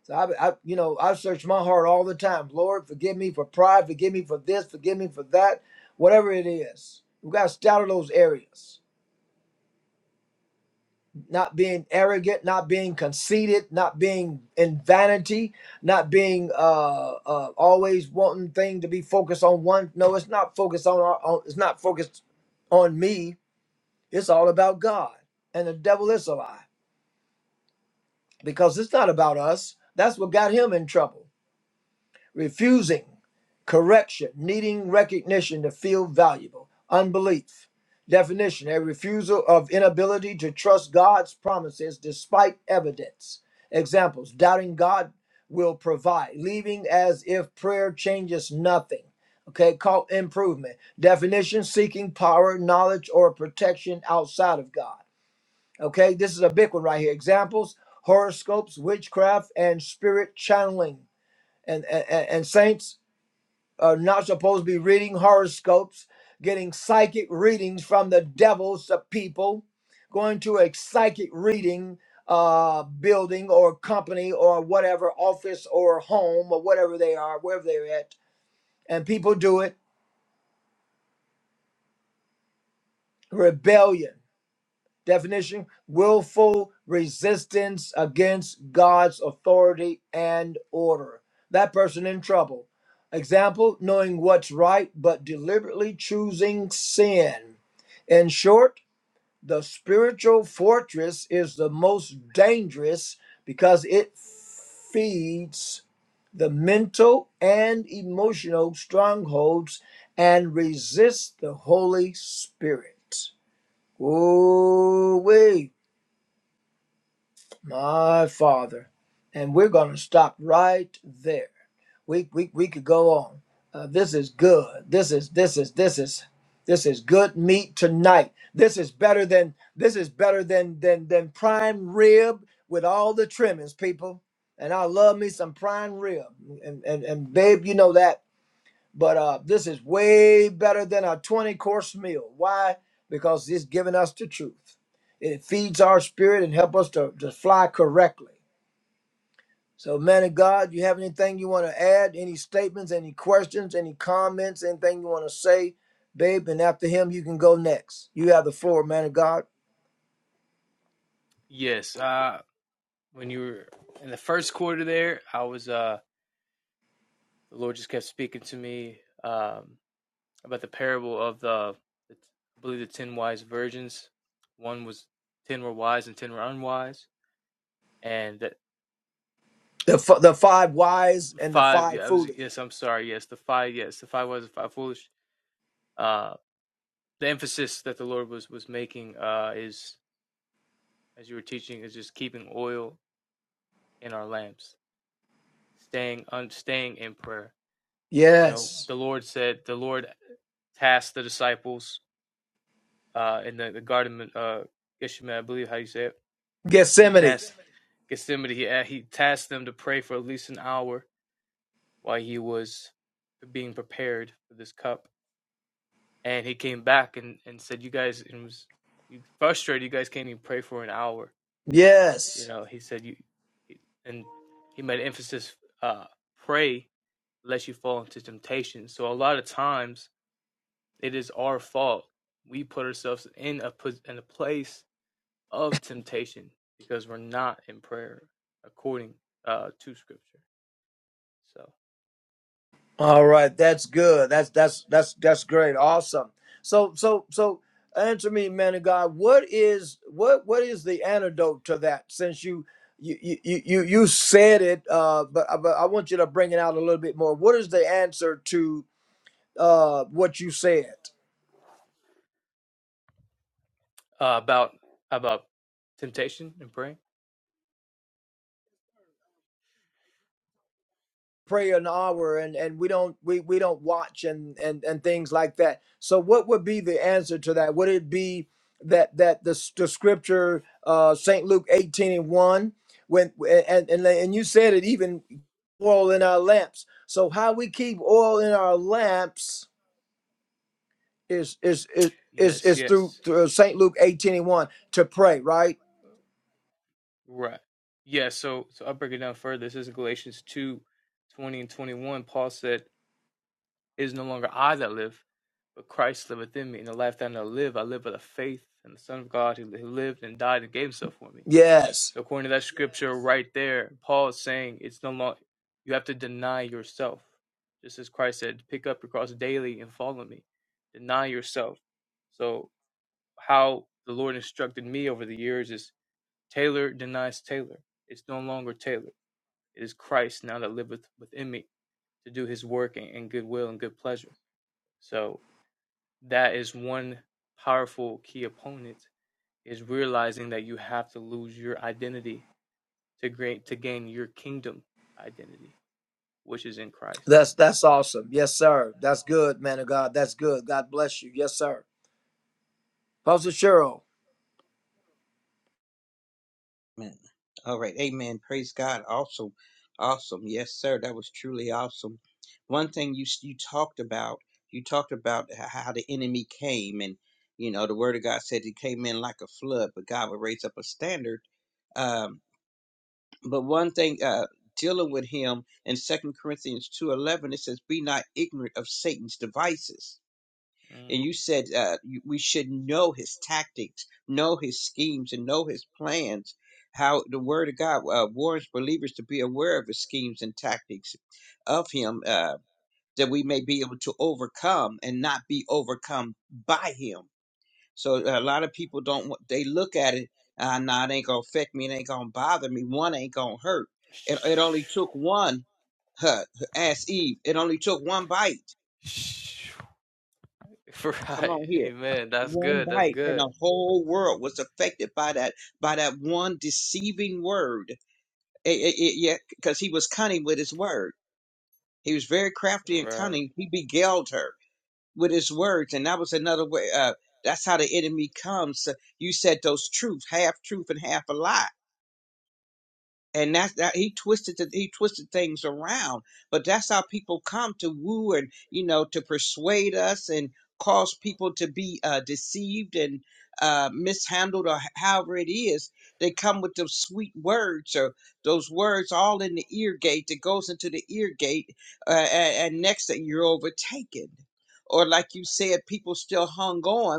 S1: So, I, I, you know, I search my heart all the time. Lord, forgive me for pride. Forgive me for this. Forgive me for that. Whatever it is, we got to stay out of those areas. not being arrogant, not being conceited, not being in vanity, not being uh, uh, always wanting thing to be focused on one. No, it's not focused on, our, on. It's not focused on me. It's all about God, and the devil is a lie because it's not about us. That's what got him in trouble refusing correction, needing recognition to feel valuable, unbelief. Definition a refusal of inability to trust God's promises despite evidence. Examples doubting God will provide, leaving as if prayer changes nothing. Okay, call improvement. Definition seeking power, knowledge, or protection outside of God. Okay, this is a big one right here. Examples horoscopes, witchcraft, and spirit channeling and, and, and saints are not supposed to be reading horoscopes, getting psychic readings from the devils of people, going to a psychic reading uh, building or company or whatever, office or home or whatever they are, wherever they're at. And people do it. Rebellion. Definition willful resistance against God's authority and order. That person in trouble. Example knowing what's right but deliberately choosing sin. In short, the spiritual fortress is the most dangerous because it feeds the mental and emotional strongholds and resists the Holy Spirit. Ooh, my Father. And we're going to stop right there. We, we, we could go on. Uh, this is good. This is, this is, this is, this is good meat tonight. This is better than, this is better than, than, than prime rib with all the trimmings, people. And I love me some prime rib. And, and, and babe, you know that. But uh, this is way better than a 20 course meal. Why? Because it's giving us the truth. It feeds our spirit and help us to, to fly correctly. So, man of God, you have anything you want to add? Any statements, any questions, any comments, anything you want to say, babe? And after him, you can go next. You have the floor, man of God.
S3: Yes, uh, when you were in the first quarter there, I was. Uh, the Lord just kept speaking to me. Um, about the parable of the, I believe the ten wise virgins. One was ten were wise and ten were unwise, and that
S1: The, f- the five wise and the
S3: five. Yeah,
S1: five
S3: I was,
S1: foolish.
S3: yes, I'm sorry. Yes, the five. Yes, the five wise and five foolish. Uh, the emphasis that the Lord was was making uh, is, as you were teaching, is just keeping oil in our lamps, staying un, staying in prayer. You know,
S1: Yes.
S3: the Lord said the Lord tasked the disciples uh, in the, the garden of uh, Gethsemane, I believe how you say it He
S1: Gethsemane.
S3: tasked Gethsemane, he, uh, he tasked them to pray for at least an hour while he was being prepared for this cup. And he came back and, and said, You guys, and was he frustrated, you guys can't even pray for an hour.
S1: Yes.
S3: You know, he said, You, and he made emphasis, uh, pray lest you fall into temptation. So a lot of times it is our fault. We put ourselves in a in a place of temptation because we're not in prayer according uh, to Scripture. So
S1: All right, that's good. That's that's that's that's great. Awesome. So so so answer me, man of God. What is what what is the antidote to that? Since you you you you you you said it, uh, but uh, but I want you to bring it out a little bit more. What is the answer to uh what you said?
S3: uh, about about temptation and praying.
S1: pray an hour and and we don't we we don't watch and and and things like that so what would be the answer to that would it be that that the, s- the scripture uh saint luke 18 and 1 when and and, and you said it even oil in our lamps so how we keep oil in our lamps is is is is,
S3: Yes,
S1: is through,
S3: yes,
S1: through saint luke 18 and 1 to pray right
S3: right. Yeah. So so I'll break it down further. This is Galatians two, twenty and twenty one. Paul said, "It is no longer I that live, but Christ liveth in me. And the life that I now live, I live by the faith in the Son of God who who lived and died and gave Himself for me."
S1: yes
S3: So according to that scripture right there, Paul is saying it's no longer you have to deny yourself, just as Christ said, "Pick up your cross daily and follow me." Deny yourself. So how the Lord instructed me over the years is Taylor denies Taylor. It's no longer Taylor. It is Christ now that liveth within me to do his work and, and good will and good pleasure. So that is one powerful key opponent is realizing that you have to lose your identity to great to gain your kingdom identity, which is in Christ.
S1: that's that's awesome yes sir that's good man of god that's good god bless you yes sir Pastor Cheryl.
S2: Amen. All right. Amen. Praise God. Awesome. Awesome. Yes, sir. That was truly awesome. One thing you s- you talked about, you talked about h- how the enemy came and you know, the word of God said he came in like a flood, but God would raise up a standard. Um, but one thing uh dealing with him in Second Corinthians 2:11 it says be not ignorant of Satan's devices
S3: Mm.
S2: and you said uh, you- we should know his tactics, know his schemes, and know his plans. How the Word of God uh, warns believers to be aware of his schemes and tactics of him, uh, that we may be able to overcome and not be overcome by him. So uh, a lot of people don't. want- They look at it. Uh, nah, it ain't gonna affect me. It ain't gonna bother me. One ain't gonna hurt. It, it only took one. Huh, ask Eve. It only took one bite Come
S3: Right.
S2: on here.
S3: Amen. That's
S2: One
S3: good. That's
S2: bite and
S3: good.
S2: the whole world was affected by that by that one deceiving word. It, it, it, yeah, because he was cunning with his word. He was very crafty and
S3: Right.
S2: cunning. He beguiled her with his words, and that was another way. Uh, that's how the enemy comes. You said those truths, half truth and half a lie and that's that he twisted the, he twisted things around but that's how people come to woo and you know to persuade us and cause people to be uh, deceived and uh, mishandled or h- however it is they come with those sweet words or those words all in the ear gate that goes into the ear gate uh, and, and next thing you're overtaken or like you said people still hung on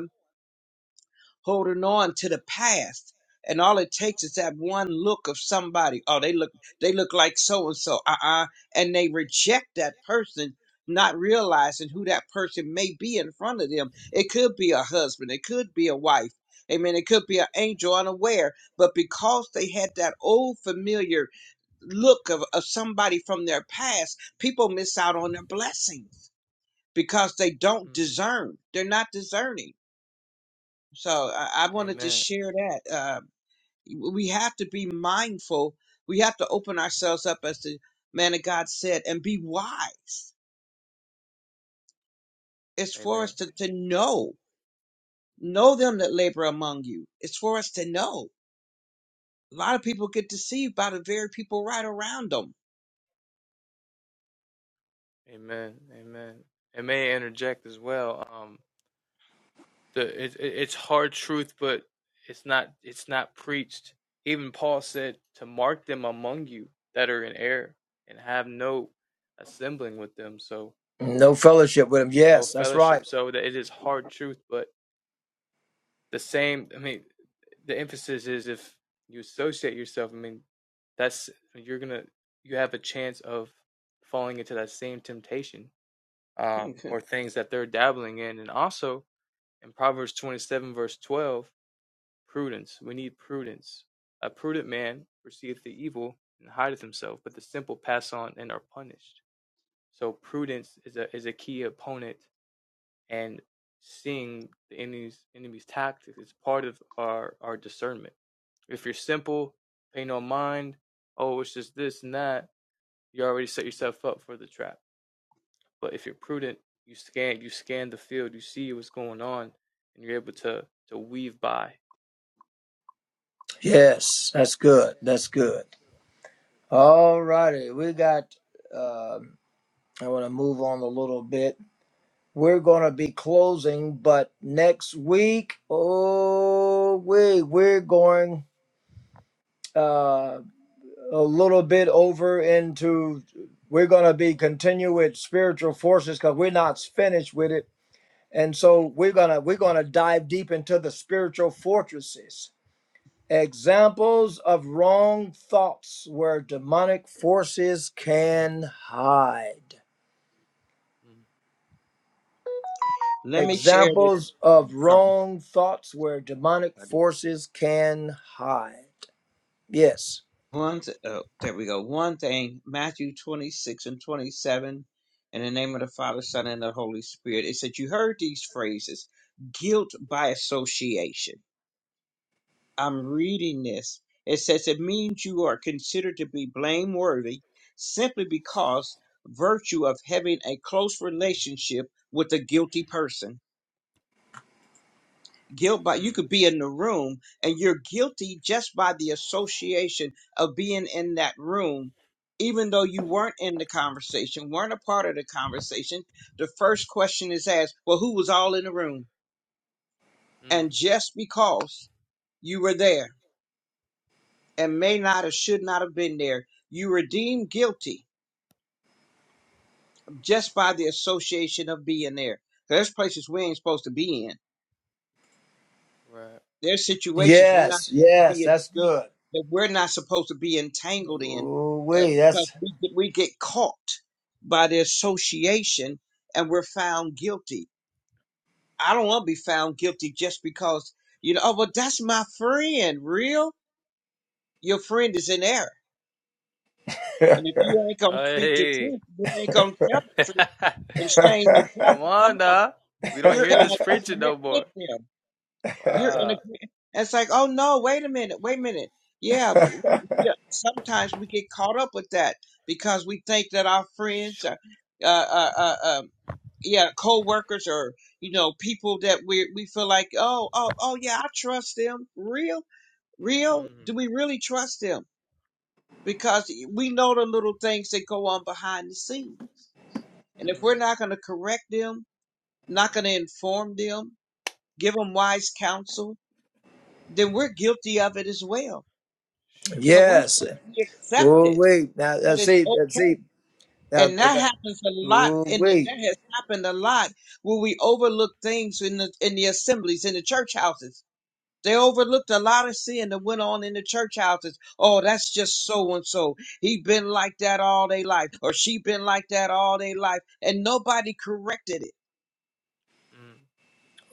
S2: holding on to the past. And all it takes is that one look of somebody. Oh, they look they look like so and so. Uh-uh. And they reject that person, not realizing who that person may be in front of them. It could be a husband, it could be a wife. Amen. It could be an angel unaware, but because they had that old familiar look of, of somebody from their past, people miss out on their blessings because they don't
S3: Mm.
S2: discern. They're not discerning so I, I wanted to
S3: Amen.
S2: share that. Uh, we have to be mindful. We have to open ourselves up, as the man of God said, and be wise. It's for
S3: Amen.
S2: us to, to know, know them that labor among you. It's for us to know. A lot of people get deceived by the very people right around them.
S3: Amen. Amen. And may I interject as well. Um, the it, it, it's hard truth, but it's not it's not preached. Even Paul said to mark them among you that are in error and have no assembling with them, so
S1: No fellowship with him.
S3: no
S1: Yes, that's right.
S3: fellowship. So that it is hard truth, but the same. I mean, the emphasis is if you associate yourself. I mean, that's you're gonna you have a chance of falling into that same temptation uh, or things that they're dabbling in. And also in Proverbs 27, verse 12, prudence. We need prudence. A prudent man perceiveth the evil and hideth himself, but the simple pass on and are punished. So prudence is a is a key opponent, and seeing the enemy's enemy's tactics is part of our our discernment. If you're simple, pay no mind. Oh, it's just this and that. You already set yourself up for the trap but if you're prudent, you scan you scan the field, you see what's going on, and you're able to to weave by.
S1: Yes, that's good. That's good. All righty. We got, uh, I want to move on a little bit. We're going to be closing, but next week, oh, we, we're going uh, a little bit over into, we're going to be continue with spiritual forces because we're not finished with it. And so we're gonna we're gonna dive deep into the spiritual fortresses Examples of wrong thoughts where demonic forces can hide.
S2: Let me share this.
S1: Examples of
S2: oh,
S1: wrong thoughts where demonic
S2: Sorry.
S1: forces can hide. Yes.
S2: One, th- oh, there we go. One thing, Matthew 26 and 27, in the name of the Father, Son, and the Holy Spirit. It said, You heard these phrases guilt by association. I'm reading this. It says, It means you are considered to be blameworthy simply because virtue of having a close relationship with a guilty person. guilt by you
S3: Mm,
S2: could be in the room and you're guilty just by the association of being in that room even though you weren't in the conversation weren't a part of the conversation the first question is asked well who was all in the room
S3: mm, mm.
S2: and just because you were there and may not or should not have been there you were deemed guilty just by the association of being there there's places we ain't supposed to be in
S3: Right.
S2: There's situations we're not
S1: Yes.
S2: supposed to
S1: Yes.
S2: be
S1: That's
S2: entang-
S1: good.
S2: that we're not supposed to be entangled in
S1: Ooh,
S2: uh,
S1: wait.
S2: because
S1: That's.
S2: we get, we get caught by the association and we're found guilty. I don't want to be found guilty just because you know. Oh, but that's my friend. Real, your friend is in error, and if you ain't gonna speak the
S3: Hey,
S2: truth, you ain't gonna tell the truth and shame the
S3: come
S2: devil. Come
S3: on,
S2: on,
S3: nah. We don't
S2: you're in
S3: hear this preaching
S2: agreement
S3: no
S2: with
S3: more.
S2: them. you're in a
S3: Wow.
S2: it's like oh no wait a minute wait a minute yeah we, we uh, sometimes we get caught up with that because we think that our friends are uh uh, uh um yeah co-workers or you know people that we we feel like oh oh oh yeah i trust them real real
S3: Mm,
S2: do we really trust them because we know the little things that go on behind the scene and if
S3: mm.
S2: we're not going to correct them not going to inform them give them wise counsel then we're guilty of it as well Because we're
S1: yes.
S2: saying we accept
S3: Right.
S1: Oh,
S2: it,
S1: wait. Now,
S2: but
S1: that's
S2: it's
S1: it. That's it.
S2: okay.
S1: Now,
S2: And
S1: that,
S2: that
S1: that,
S2: happens a lot,
S1: ooh,
S2: and
S1: wait.
S2: that has happened a lot where we overlook things in the in the assemblies, in the church houses. They overlooked a lot of sin that went on in the church houses. Oh, that's just so and so. He been like that all day life, or she been like that all day life, and nobody corrected it.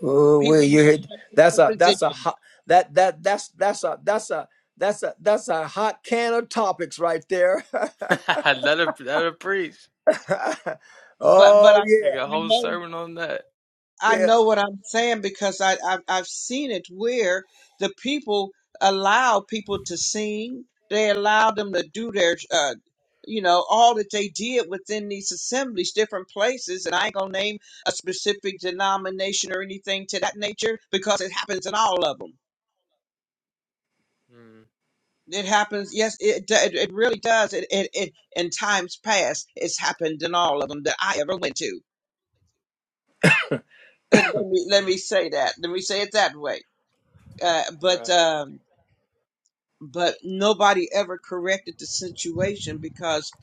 S1: Oh
S2: People
S1: wait, you hit
S2: have places
S1: that's
S2: and
S1: a that's a
S2: positions,
S1: hot that that that's that's a that's a that's a that's a hot can of topics right there.
S3: Mm. let her let her preach.
S2: but but I
S1: oh
S3: They
S1: yeah,
S3: got a
S2: I
S3: whole
S2: know
S3: sermon on that.
S2: I
S1: yeah,
S2: know what I'm saying because I, I've, I've seen it where the people allow people to sing. They allow them to do their, uh, you know, all that they did within these assemblies, different places. And I ain't going to name a specific denomination or anything to that nature because it happens in all of them.
S3: Mm,
S2: It happens. Yes, it do- it, it really does. It, it it in times past, it's happened in all of them that I ever went to. Let me let
S3: mm.
S2: me say that. Let me say it that way. Uh, but
S3: Right.
S2: um, but nobody ever corrected the situation because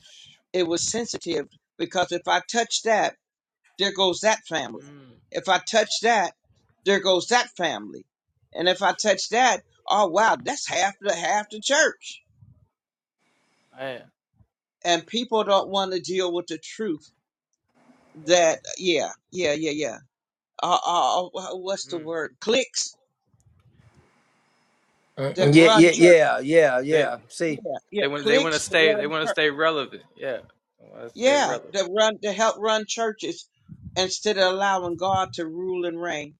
S2: it was sensitive. Because if I touch that, there goes that family.
S3: Mm.
S2: If I touch that, there goes that family. And if I touch that, oh wow, that's half the half the church.
S3: Man.
S2: And people don't want to deal with the truth that yeah, yeah, yeah, yeah. Uh, uh, uh, what's the
S3: Mm.
S2: word? Clicks that
S1: Mm, yeah,
S2: run
S1: yeah,
S2: church.
S1: yeah, yeah,
S3: They
S1: yeah. See,
S2: Yeah,
S3: They
S2: yeah,
S3: want they want to
S2: clicks that
S3: stay they
S2: run
S3: want to
S2: church.
S3: stay relevant. Yeah, they want to stay
S2: Yeah,
S3: relevant.
S2: to run to help run churches instead
S3: Mm.
S2: of allowing God to rule and reign.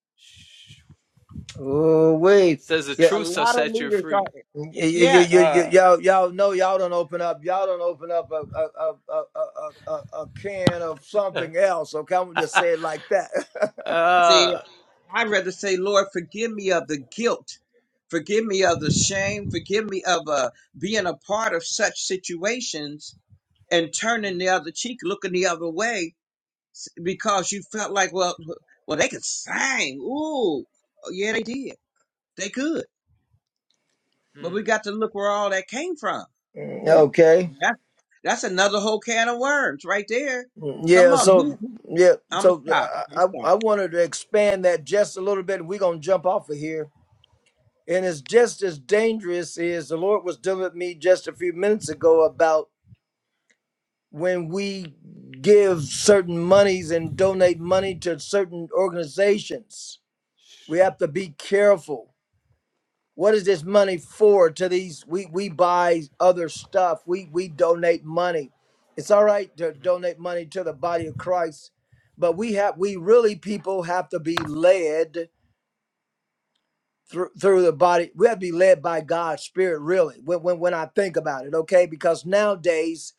S1: oh
S3: It
S1: wait,
S3: Says the
S1: yeah,
S2: A
S3: truth shall
S2: lot of
S3: set you
S2: leaders are
S3: free.
S1: you you
S2: yes.
S1: you y-
S3: Wow.
S1: y'all y'all know y'all don't open up y'all don't open up a a a a a, a, a a can of
S3: uh,
S1: something else. Okay, I'm gonna just say it like that.
S2: See, I'd rather say, Lord, forgive me of the guilt, forgive me of the shame, forgive me of uh, being a part of such situations and turning
S3: mm,
S2: the other cheek, looking the other way, s- because you felt like, well, well, they could sing. Ooh, yeah, they did. They could, but we
S3: mm.
S2: got to look where all that came from
S1: Mm,
S2: Hmm.
S1: okay.
S2: That, that's another whole can of worms right there. Come
S1: Yeah,
S2: on.
S1: so
S2: Who? who-
S1: yeah,
S2: I'm going to
S1: so
S2: stop.
S1: uh,
S2: I'm going to
S1: I I
S2: stop.
S1: wanted to expand that just a little bit. We're gonna jump off of here, and it's just as dangerous as the Lord was dealing with me just a few minutes ago about when we give certain monies and donate money to certain organizations. We have to be careful what is this money for to these we we buy other stuff we we donate money it's all right to donate money to the body of christ but we have we really people have to be led through through the body we have to be led by god's spirit really when when, when i think about it okay because nowadays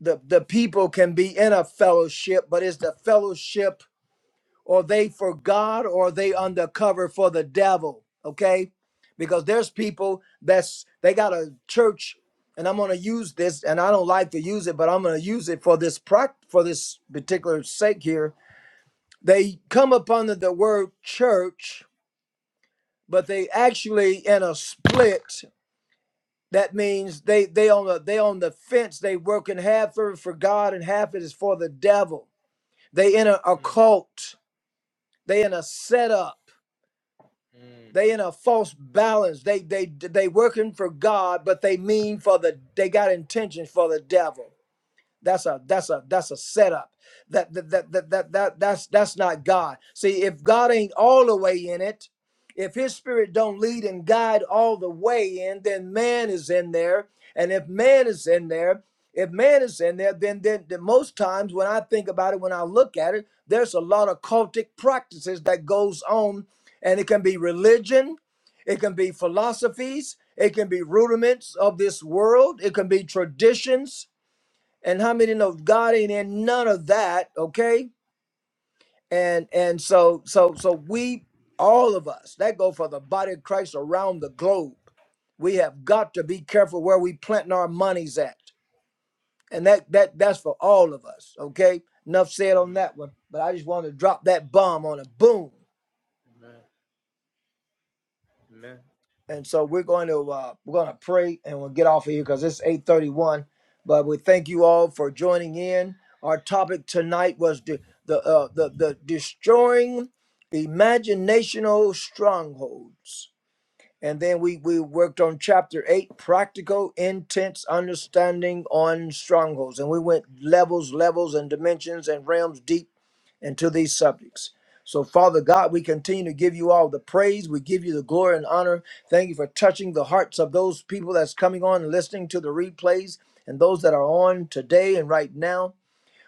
S1: the the people can be in a fellowship but it's the fellowship or they for God or they undercover for the devil. Okay, because there's people that's they got a church, and I'm gonna use this, and I don't like to use it, but I'm gonna use it for this prac for this particular sake here. They come up under the word church, but they actually in a split. That means they they on the they on the fence. They working half for for God and half it is for the devil. They in a, a
S3: Mm,
S1: cult. They in a setup
S3: mm,
S1: They in a false balance. They they they working for God, but they mean for the they got intentions for the devil. That's a that's a that's a setup. That that that that, that, that that's that's not God. See, if God ain't all the way in it, if his spirit don't lead and guide all the way in, then man is in there. And if man is in there, if man is in there, then then, then most times when I think about it, when I look at it, there's a lot of cultic practices that goes on, and it can be religion, it can be philosophies, it can be rudiments of this world, it can be traditions and how many know God ain't in none of that, okay? And and so so so we all of us that go for the body of Christ around the globe. We have got to be careful where we planting our monies at, and that that that's for all of us, okay? Enough said on that one, but I just want to drop that bomb on a boom.
S3: amen. Amen.
S1: And so we're going to uh, we're going to pray and we'll get off of here because it's 8:31. But we thank you all for joining in. Our topic tonight was the the uh, the, the destroying imaginational strongholds and then we we worked on chapter eight practical intense understanding on strongholds and we went levels levels and dimensions and realms deep into these subjects so father god we continue to give you all the praise we give you the glory and honor thank you for touching the hearts of those people that's coming on and listening to the replays and those that are on today and right now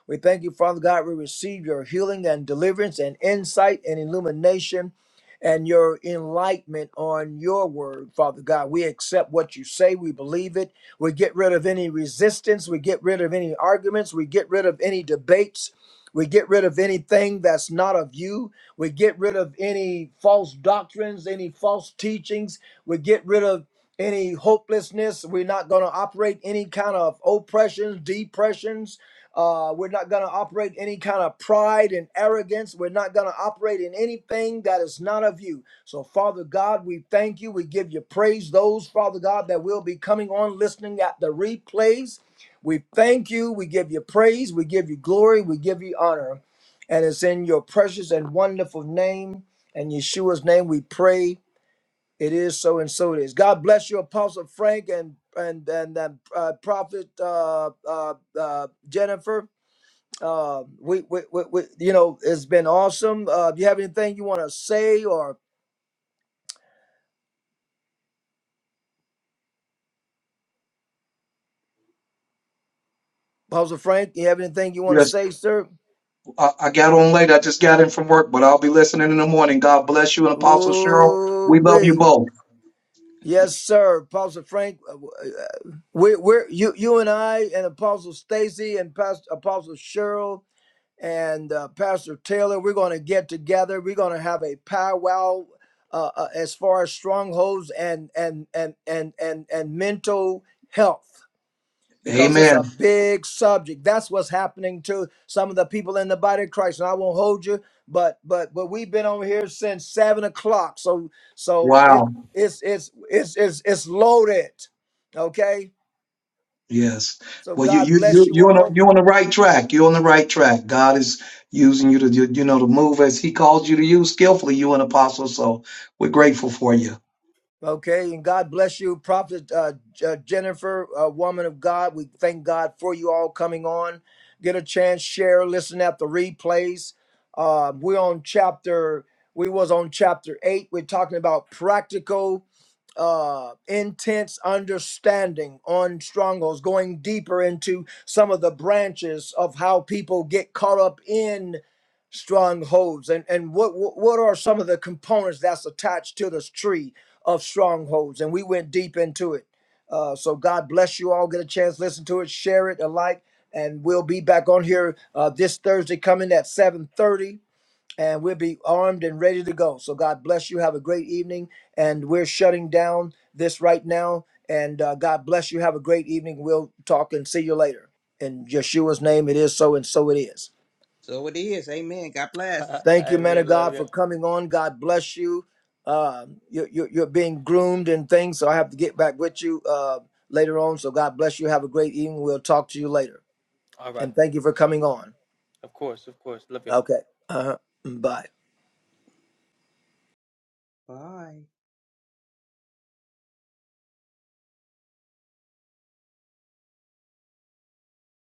S1: we thank you, Father God. We receive your healing and deliverance and insight and illumination and your enlightenment on your word, Father God. We accept what you say. We believe it. We get rid of any resistance. We get rid of any arguments. We get rid of any debates. We get rid of anything that's not of you. We get rid of any false doctrines, any false teachings. We get rid of any hopelessness. We're not going to operate any kind of oppressions, depressions uh, we're not going to operate any kind of pride and arrogance. We're not going to operate in anything that is not of you. So, Father God, we thank you. We give you praise. Those, Father God, that will be coming on listening at the replays, we thank you. We give you praise. We give you glory. We give you honor. And it's in your precious and wonderful name and Yeshua's name we pray. It is so and so it is. God bless you, Apostle Frank and and and, and uh, Prophet uh, uh, uh, Jennifer. Um, we, we, we, we, you know, it's been awesome. Uh, do you have anything you want to say, or Pastor Frank, you have anything you want to
S4: Yes,
S1: say, sir?
S4: I, I got on late. I just got in from work, but I'll be listening in the morning. God bless you and Apostle Cheryl.
S1: Ooh,
S4: We love you
S1: we.
S4: both.
S1: Yes, sir, Apostle Frank. uh, w- uh, We're, we're you, you and I, and Apostle Stacy, and Pastor Apostle Cheryl, and uh, Pastor Taylor. We're going to get together. We're going to have a powwow uh, uh, as far as strongholds and and and and and and mental health. because it's a
S4: Amen.
S1: big subject. That's what's happening to some of the people in the body of Christ. And I won't hold you, but but but we've been on here since seven o'clock. So so it
S4: Wow.
S1: it's it's it's it's it's loaded. Okay.
S4: Yes.
S1: So
S4: Well, you
S1: God
S4: you you
S1: bless you
S4: you on the,
S1: all.
S4: you on the right track. You're on the right track. God is using you to do- you know to move as He called you to use skillfully. You an apostle, so we're grateful for you.
S1: Okay, and God bless you, Prophet uh, J- uh, Jennifer, uh, woman of God. We thank God for you all coming on. Get a chance, share, listen at the replays. Uh, we're on chapter. We was on chapter eight. We're talking about practical, uh, intense understanding on strongholds, going deeper into some of the branches of how people get caught up in strongholds, and and what what what are some of the components that's attached to this tree of strongholds, and we went deep into it. Uh, so God bless you all. Get a chance, listen to it, share it, alike, and we'll be back on here uh, this Thursday coming at 7:30, and we'll be armed and ready to go. So God bless you. Have a great evening, and we're shutting down this right now. And uh, God bless you. Have a great evening. We'll talk and see you later. In Yeshua's name, it is so, and so it is.
S2: So it is. Amen. God bless.
S1: Thank you, man
S3: Amen.
S1: of
S3: Love
S1: God,
S3: you.
S1: for coming on. God bless you. Uh, you're, you you're being groomed and things, so I have to get back with you uh, later on. So God bless you. Have a great evening. We'll talk to you later.
S3: All right.
S1: And thank you for coming on.
S3: Of course. Of course. Love you.
S1: Okay. Uh-huh. Bye.
S2: Bye.